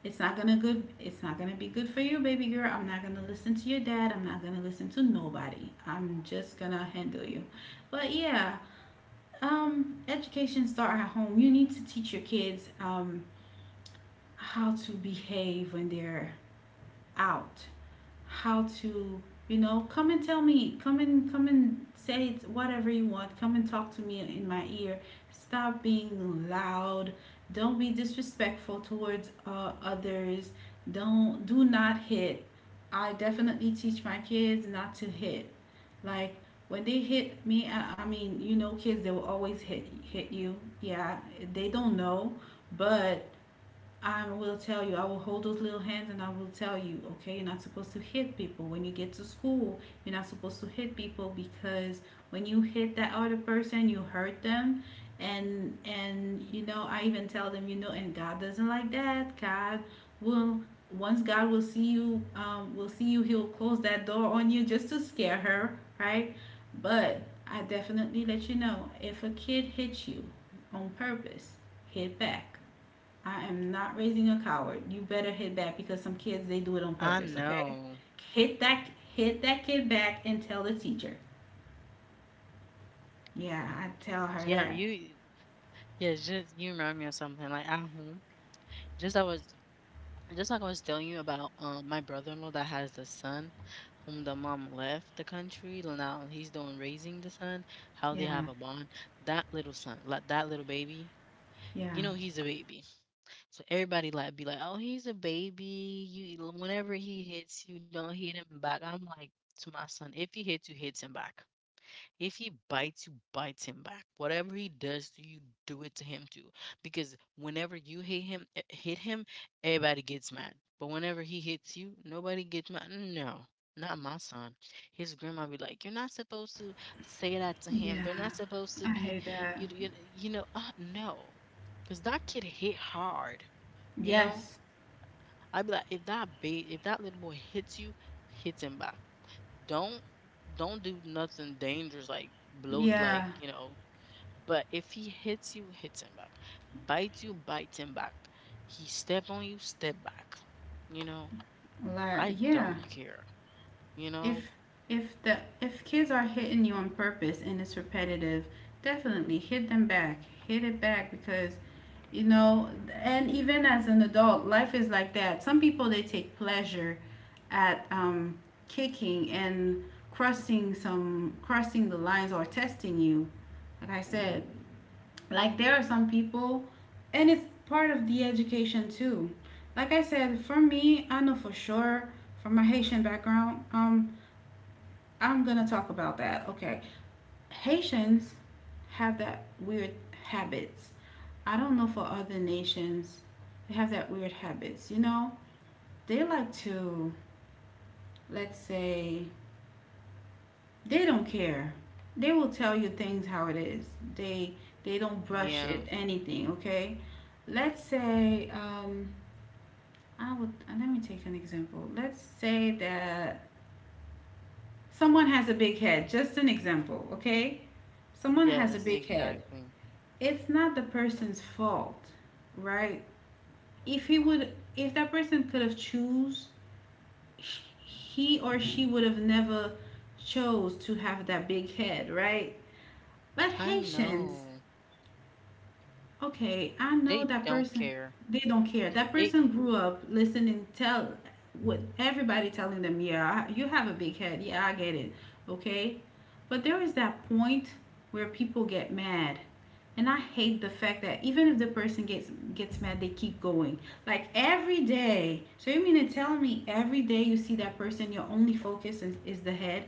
A: it's not gonna good. It's not gonna be good for you, baby girl. I'm not gonna listen to your dad. I'm not gonna listen to nobody. I'm just gonna handle you." But yeah, um, education start at home. You need to teach your kids um, how to behave when they're out, how to, you know, come and tell me, come and come and say whatever you want, come and talk to me in my ear. Stop being loud. Don't be disrespectful towards uh, others. Don't do not hit. I definitely teach my kids not to hit. Like when they hit me, i, I mean, you know, kids, they will always hit hit you. Yeah, they don't know. But I will tell you, I will hold those little hands and I will tell you, okay, you're not supposed to hit people. When you get to school, you're not supposed to hit people, because when you hit that other person, you hurt them. And and you know, I even tell them, you know, and God doesn't like that. God will, once God will see you, um, will see you, he'll close that door on you, just to scare her, right? But I definitely let you know, if a kid hits you on purpose, hit back. I am not raising a coward. You better hit back, because some kids, they do it on
B: I
A: purpose, okay?
B: know.
A: Hit that hit that kid back and tell the teacher. Yeah, I tell her
B: Yeah,
A: that.
B: you yeah, just you remind me of something. Like at home, just I was just like I was telling you about um my brother in law that has the son whom the mom left the country. Now he's doing raising the son, how they
A: Yeah.
B: have a bond. That little son, like that little baby, you
A: Yeah.
B: know he's a baby. So everybody like be like, Oh, he's a baby. You whenever he hits you, don't hit him back. I'm like to my son, if he hits you, hits him back. If he bites you, bites him back. Whatever he does to you, do it to him too. Because whenever you hit him, eh, hit him, everybody gets mad. But whenever he hits you, nobody gets mad. No, not my son. His grandma be like, "You're not supposed to say that to him.
A: Yeah.
B: They're not supposed to
A: I
B: be,
A: hate that.
B: you, you, you know, uh, no." Because that kid hit hard. You know,
A: Yes.
B: I'd be like, if that ba- if that little boy hits you, hits him back. Don't don't do nothing dangerous, like blow, like
A: Yeah.
B: you know but if he hits you, hits him back. Bites you, bites him back. He step on you, step back. you know
A: Like,
B: i
A: yeah.
B: don't care you know
A: If if the if kids are hitting you on purpose and it's repetitive, definitely hit them back. Hit it back, because you know, and even as an adult, life is like that. Some people, they take pleasure at, um, kicking and crossing some crossing the lines or testing you. Like I said, like there are some people, and it's part of the education too. Like I said, for me, I know for sure, from my Haitian background, um, I'm going to talk about that. Okay. Haitians have that weird habits. I don't know for other nations, they have that weird habits, you know? They like to, let's say, they don't care. They will tell you things how it is. They they don't brush
B: yeah.
A: it anything, okay? Let's say, um I would, let me take an example. Let's say that someone has a big head, just an example, okay? Someone has a
B: Yes,
A: big head.
B: exactly.
A: It's not the person's fault, right? If he would, if that person could have choose, he or she would have never chose to have that big head, right? But
B: I
A: Haitians,
B: know.
A: okay, I
B: They
A: know that
B: don't
A: person.
B: care.
A: They don't care. That
B: They
A: person grew up listening, tell, with everybody telling them, yeah, I- you have a big head. Yeah, I get it. Okay. But there is that point where people get mad. And I hate the fact that even if the person gets gets mad, they keep going. Like every day. So you mean to tell me every day you see that person, your only focus is, is the head?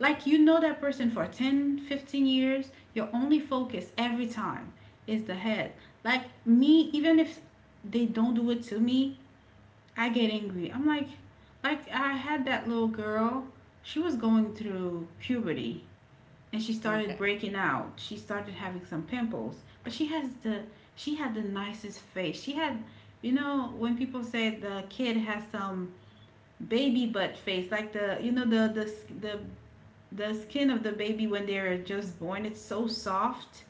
A: Like you know that person for ten, fifteen years, your only focus every time is the head. Like me, even if they don't do it to me, I get angry. I'm like, like I had that little girl, she was going through puberty and she started
B: Okay.
A: breaking out. She started having some pimples, but she has the she had the nicest face. She had, you know, when people say the kid has some baby butt face, like the you know the the the the skin of the baby, when they're just born, it's so soft.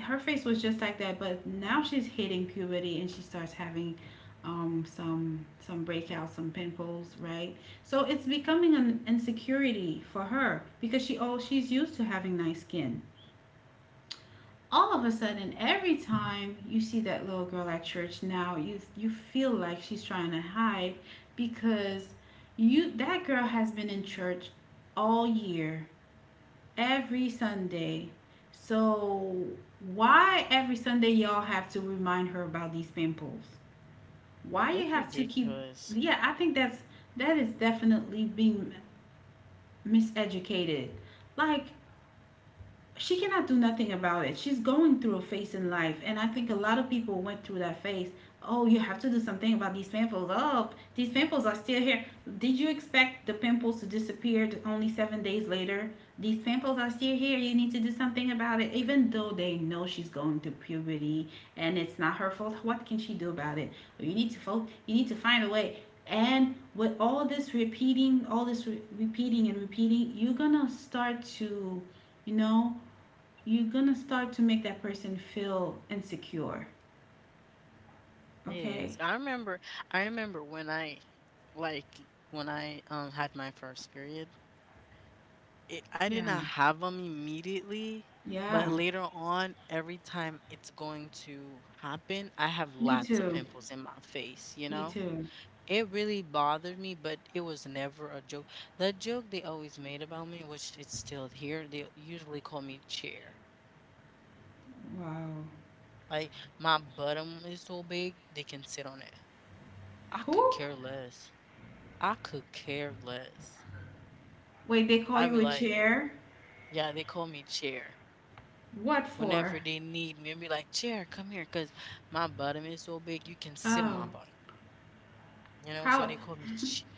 A: Her face was just like that, but now she's hitting puberty and she starts having, um, some some breakouts, some pimples, right? So it's becoming an insecurity for her, because she oh she's used to having nice skin. All of a sudden, every time you see that little girl at church now, you you feel like she's trying to hide, because you, that girl has been in church all year. Every Sunday. So why every Sunday y'all have to remind her about these pimples? Why
B: It's
A: you have to keep?
B: ridiculous.
A: Yeah, I think that's, that is definitely being miseducated. Like, she cannot do nothing about it. She's going through a phase in life, and I think a lot of people went through that phase. Oh, you have to do something about these pimples. Oh, these pimples are still here. Did you expect the pimples to disappear only seven days later? These pimples are still here. You need to do something about it. Even though they know she's going through puberty, and it's not her fault, what can she do about it? You need to fo- You need to find a way. And with all this repeating, all this re- repeating and repeating, you're gonna start to, you know, you're gonna start to make that person feel insecure.
B: It is.
A: Okay.
B: I remember i remember when I, like, when I um had my first period. it, I did not
A: Yeah.
B: have them immediately, but
A: Yeah.
B: later on, every time it's going to happen, I have
A: Me
B: lots of
A: too.
B: pimples in my face, you
A: Me
B: know?
A: too.
B: It really bothered me, but it was never a joke. The joke they always made about me, which it's still here, they usually call me chair.
A: Wow.
B: Like, my bottom is so big, they can sit on it. I
A: Who?
B: could care less. I could care less.
A: Wait, they call
B: I'd
A: you
B: be
A: a
B: like,
A: chair?
B: yeah, they call me chair.
A: What for?
B: Whenever they need me and be like, "Chair, come here," cause my bottom is so big you can sit on
A: Oh,
B: my bottom. You know, so
A: how
B: they call me ch-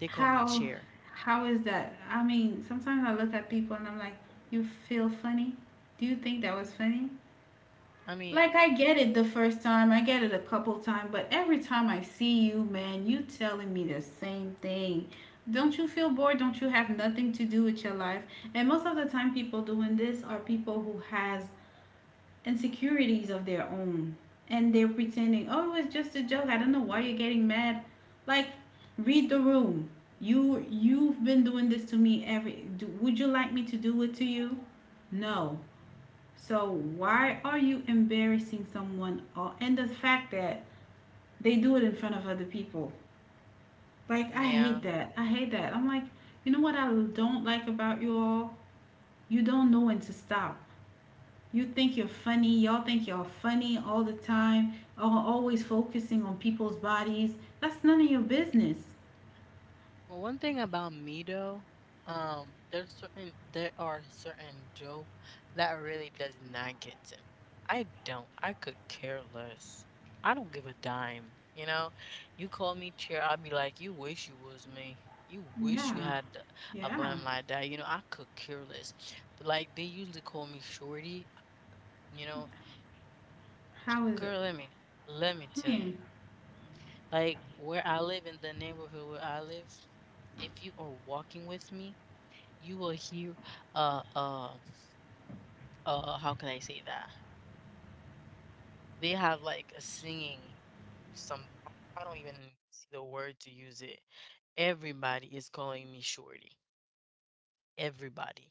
B: they call me
A: how
B: chair.
A: how is that? I mean, sometimes I look at people and I'm like, you feel funny? Do you think that was funny?
B: I mean,
A: Like, I get it the first time, I get it a couple times, but every time I see you, man, you telling me the same thing. Don't you feel bored? Don't you have nothing to do with your life? And most of the time, people doing this are people who has insecurities of their own, and they're pretending, "Oh, it's just a joke. I don't know why you're getting mad." Like, read the room. You, you've been doing this to me every do, would you like me to do it to you? No. So why are you embarrassing someone? Or, and the fact that they do it in front of other people. Like, I hate
B: yeah.
A: that. I hate that. I'm like, you know what I don't like about you all? You don't know when to stop. You think you're funny. Y'all think y'all funny all the time. All always focusing on people's bodies. That's none of your business.
B: Well, one thing about me though, um, there's certain there are certain joke that really does not get to me. I don't. I could care less. I don't give a dime. You know, you call me chair, I'll be like, you wish you was me. You wish you
A: Yeah.
B: had a
A: Yeah.
B: bum like that. You know, I could care less. But like, they usually call me shorty. You know,
A: How is it?
B: girl, let me let me
A: I
B: tell you.
A: mean,
B: Like, where I live, in the neighborhood where I live, if you are walking with me, you will hear, uh uh uh how can I say that? They have like a singing, some, I I don't even see the word to use it. Everybody is calling me shorty. Everybody.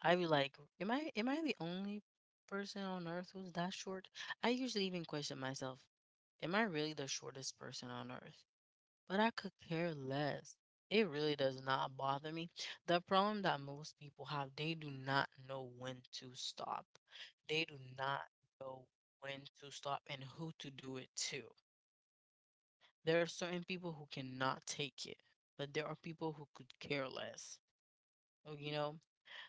B: I be like, am I am I the only person on earth who's that short? I usually even question myself, am I really the shortest person on earth? But I could care less. It really does not bother me. The problem that most people have, they do not know when to stop. They do not know when to stop and who to do it to. There are certain people who cannot take it, but there are people who could care less. Oh, You know,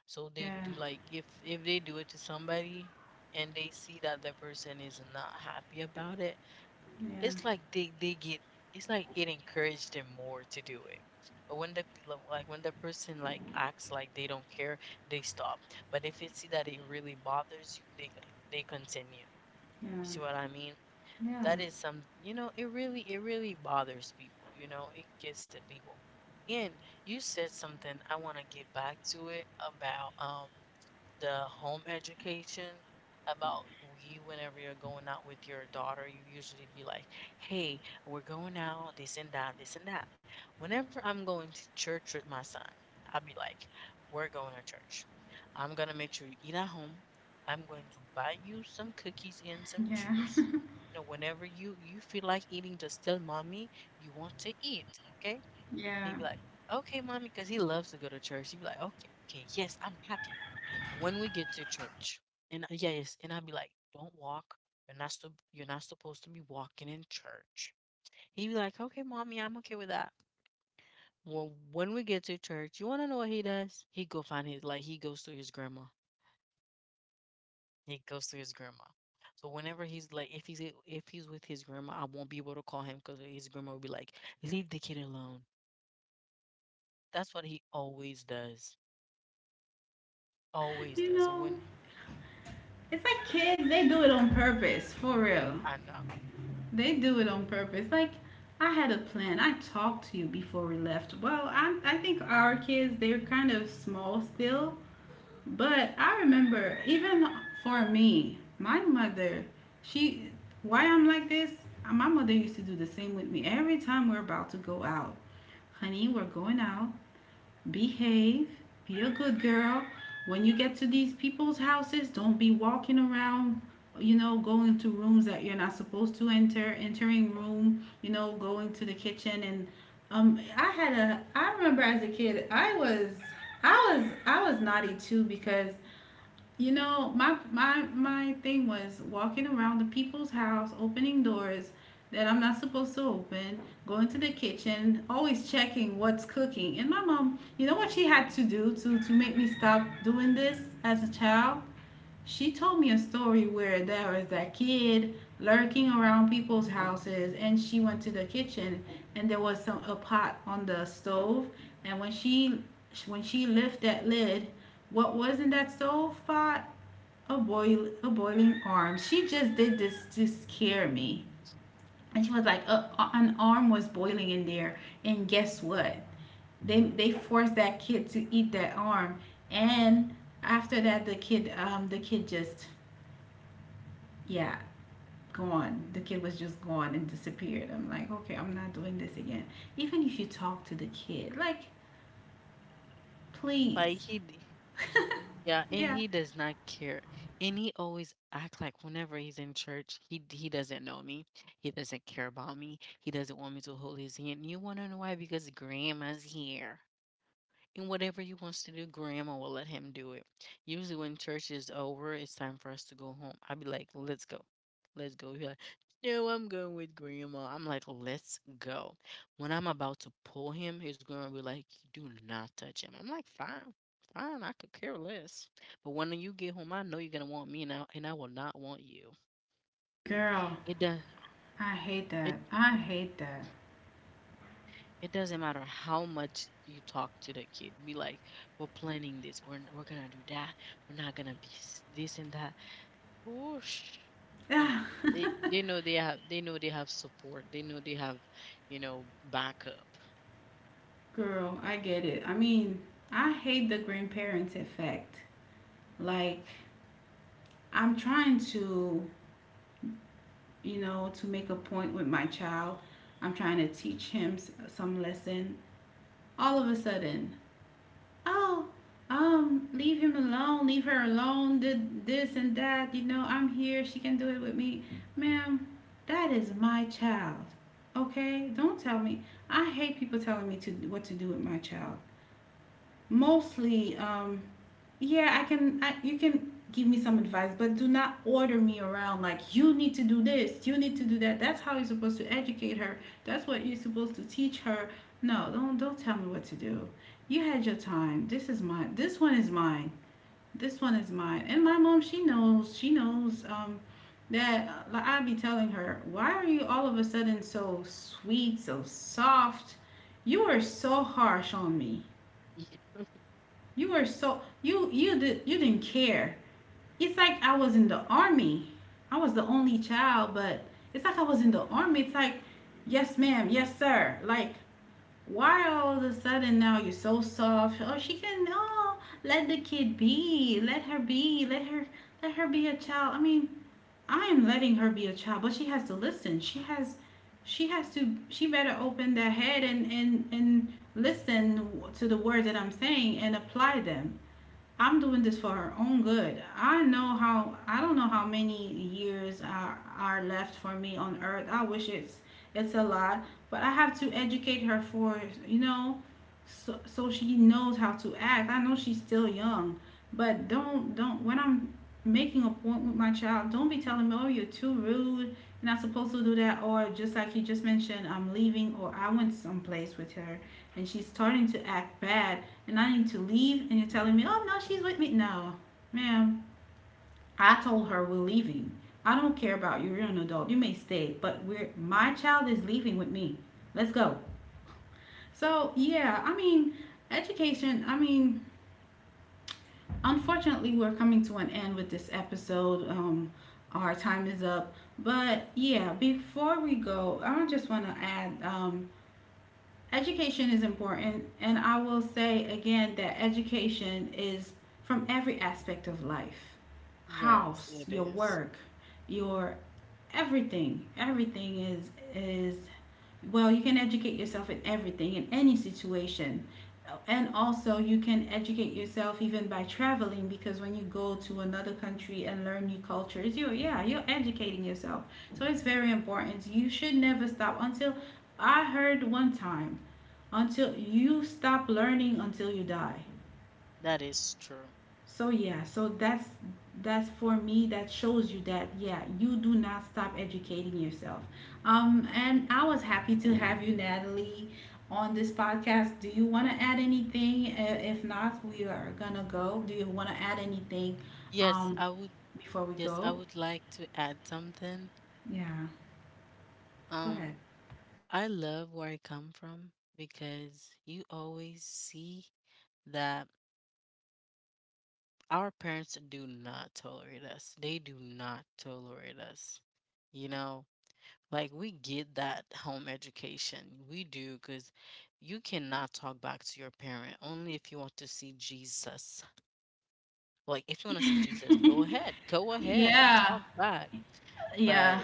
B: so they do,
A: yeah.
B: like, if if they do it to somebody, and they see that the person is not happy about it,
A: Yeah.
B: it's like they they get it's like it encouraged them more to do it. But when the p- lo- like when the person, like, acts like they don't care, they stop. But if it see that it really bothers you, they they continue. You see
A: Yeah.
B: what I mean?
A: Yeah.
B: That is some, you know it really it really bothers people, you know it gets to people. And you said something I want to get back to, it about um the home education, about you, whenever you're going out with your daughter, you usually be like, hey, we're going out, this and that, this and that. Whenever I'm going to church with my son, I'll be like, we're going to church, I'm going to make sure you eat at home, I'm going to buy you some cookies and some
A: Yeah.
B: juice. You know whenever you you feel like eating, just tell mommy you want to eat. Okay.
A: Yeah.
B: He'd be like, okay, mommy, because he loves to go to church. He'd be like, okay, okay, yes, I'm happy. When we get to church, and I- yeah, yes, and I'd be like, don't walk. You're not sup- you're not supposed to be walking in church. He'd be like, okay, mommy, I'm okay with that. Well, when we get to church, you wanna know what he does? He go find his like he goes to his grandma. He goes to his grandma. So whenever he's like, if he's i- if he's with his grandma, I won't be able to call him because his grandma will be like, leave the kid alone. That's what he always does. Always
A: You
B: does
A: know.
B: win.
A: It's like kids, they do it on purpose, for real.
B: I know.
A: They do it on purpose. Like, I had a plan. I talked to you before we left. Well, I, I think our kids, they're kind of small still. But I remember, even for me, my mother, she, why I'm like this, my mother used to do the same with me. Every time we're about to go out, honey, we're going out, behave, be a good girl. When you get to these people's houses, don't be walking around, you know, going to rooms that you're not supposed to enter, entering room, you know, going to the kitchen and, um I had a, I remember as a kid I was, I was I was naughty too, because you know, my my my thing was walking around the people's house, opening doors that I'm not supposed to open, going to the kitchen, always checking what's cooking. And my mom, you know what she had to do to to make me stop doing this as a child? She told me a story where there was that kid lurking around people's houses, and she went to the kitchen, and there was some a pot on the stove, and when she, when she lifted that lid, what was in that stove pot? A boil a boiling arm. She just did this to scare me. And she was like, "Uh, a, an arm was boiling in there, and guess what? They they forced that kid to eat that arm, and after that, the kid, um the kid just, yeah, gone. The kid was just gone and disappeared." I'm like, okay, I'm not doing this again. Even if you talk to the kid, like,
B: Like
A: please,
B: he, d- yeah, and
A: yeah,
B: he does not care, and he always act like whenever he's in church, he d- he doesn't know me, he doesn't care about me, he doesn't want me to hold his hand. You wanna know why? Because grandma's here. And whatever he wants to do, grandma will let him do it. Usually, when church is over, it's time for us to go home. I would be like, let's go. Let's go. He's like, no, I'm going with grandma. I'm like, let's go. When I'm about to pull him, his grandma will be like, do not touch him. I'm like, fine, fine. I could care less. But when you get home, I know you're going to want me now, and I will not want you.
A: girl,
B: It does.
A: I hate
B: It.
A: that. I hate
B: It doesn't matter how much you talk to the kid. Be like, we're planning this. We're n- we're gonna do that. We're not gonna be, s- this and that. Whoosh. Mm.
A: that.
B: They they know they have they know they have support. They know they have, you know, backup.
A: Girl, I get it. I mean, I hate the grandparents effect. Like, I'm trying to, you know, to make a point with my child. I'm trying to teach him s- some lesson. All of a sudden, oh, um, leave him alone, leave her alone, did this and that. You know, I'm here. She can do it with me. Ma'am, that is my child. Okay? Don't tell me. I hate people telling me to what to do with my child. Mostly um yeah, i can I, you can give me some advice, but do not order me around, like, you need to do this, you need to do that. That's how you're supposed to educate her, that's what you're supposed to teach her. No, don't don't tell me what to do. You had your time. This is mine. This one is mine. This one is mine. And my mom, she knows. She knows um that uh, Like, I'd be telling her, why are you all of a sudden so sweet, so soft? You were so harsh on me. You were so you you did you didn't care. It's like I was in the army. I was the only child, but it's like I was in the army. It's like, yes, ma'am, yes, sir. Like, why all of a sudden now you're so soft? Oh, she can. Oh, let the kid be. Let her be. Let her let her be a child. I mean, I am letting her be a child, but she has to listen. She has she has to she better open that head and and and listen to the words that I'm saying and apply them. I'm doing this for her own good. I know how I don't know how many years are are left for me on earth. I wish it's it's a lot, but I have to educate her for, you know, so, so she knows how to act. I know she's still young, but don't don't when I'm making a point with my child, don't be telling me, "Oh, you're too rude. You're not supposed to do that." Or just like you just mentioned, I'm leaving or I went someplace with her and she's starting to act bad and I need to leave, and you're telling me, oh, no, she's with me. No, ma'am, I told her we're leaving. I don't care about you. You're an adult. You may stay, but we're my child is leaving with me. Let's go. So, yeah, I mean, education, I mean, unfortunately, we're coming to an end with this episode. Um, our time is up. But yeah, before we go, I just want to add, um, education is important, and I will say again that education is from every aspect of life.
B: Yes,
A: House,
B: it
A: your
B: is.
A: work, your everything. Everything is is well, you can educate yourself in everything, in any situation. And also, you can educate yourself even by traveling, because when you go to another country and learn new cultures, you, yeah, you're educating yourself. So it's very important. You should never stop until, I heard one time, until you stop learning until you die.
B: That is true.
A: So yeah, so that's that's for me, that shows you that, yeah, you do not stop educating yourself. Um and I was happy to have you, Natalie, on this podcast. Do you want to add anything? Uh, if not, we are gonna go. Do you want to add anything?
B: Yes,
A: um
B: I would.
A: Before we
B: Yes, I
A: go,
B: would like to add something.
A: yeah, go ahead.
B: Um, I love where I come from, because you always see that our parents do not tolerate us. They do not tolerate us. You know, like, we get that home education. We do, because you cannot talk back to your parent only if you want to see Jesus. Like, if you want to see Jesus, go ahead, go ahead,
A: Yeah,
B: talk back. But
A: yeah,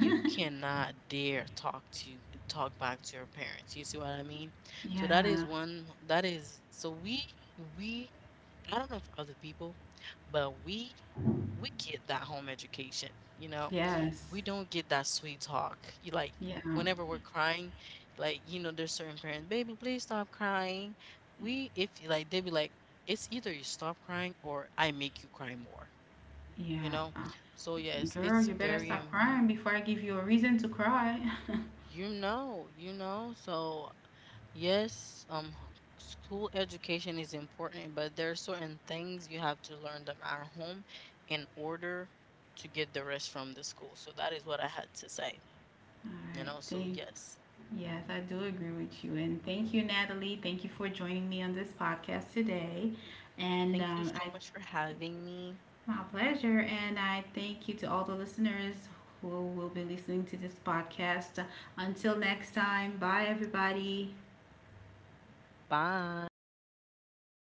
B: you cannot dare talk to talk back to your parents. You see what I mean? So that is
A: yeah,
B: one. That is, so we we I don't know if other people, but we we get that home education, you know.
A: yes,
B: We don't get that sweet talk. You, like,
A: yeah,
B: whenever we're crying, like, you know, there's certain parents, baby, please stop crying. We if, like, they be like, it's either you stop crying or I make you cry more, you
A: yeah.
B: know. So, yes,
A: Girl,
B: it's
A: you better
B: very
A: stop
B: im-.
A: crying before I give you a reason to cry.
B: you know, you know. So, yes, um, h- school education is important, but there are certain things you have to learn them at home in order to get the rest from the school. So that is what I had to say,
A: All
B: you
A: right,
B: know. So,
A: thank.
B: yes,
A: Yes, I do agree with you. And thank you, Natalie. Thank you for joining me on this podcast today. And
B: thank you
A: um,
B: so
A: I,
B: much for having me.
A: my pleasure. And I thank you to all the listeners who will be listening to this podcast. Until next time, bye, everybody.
B: Bye.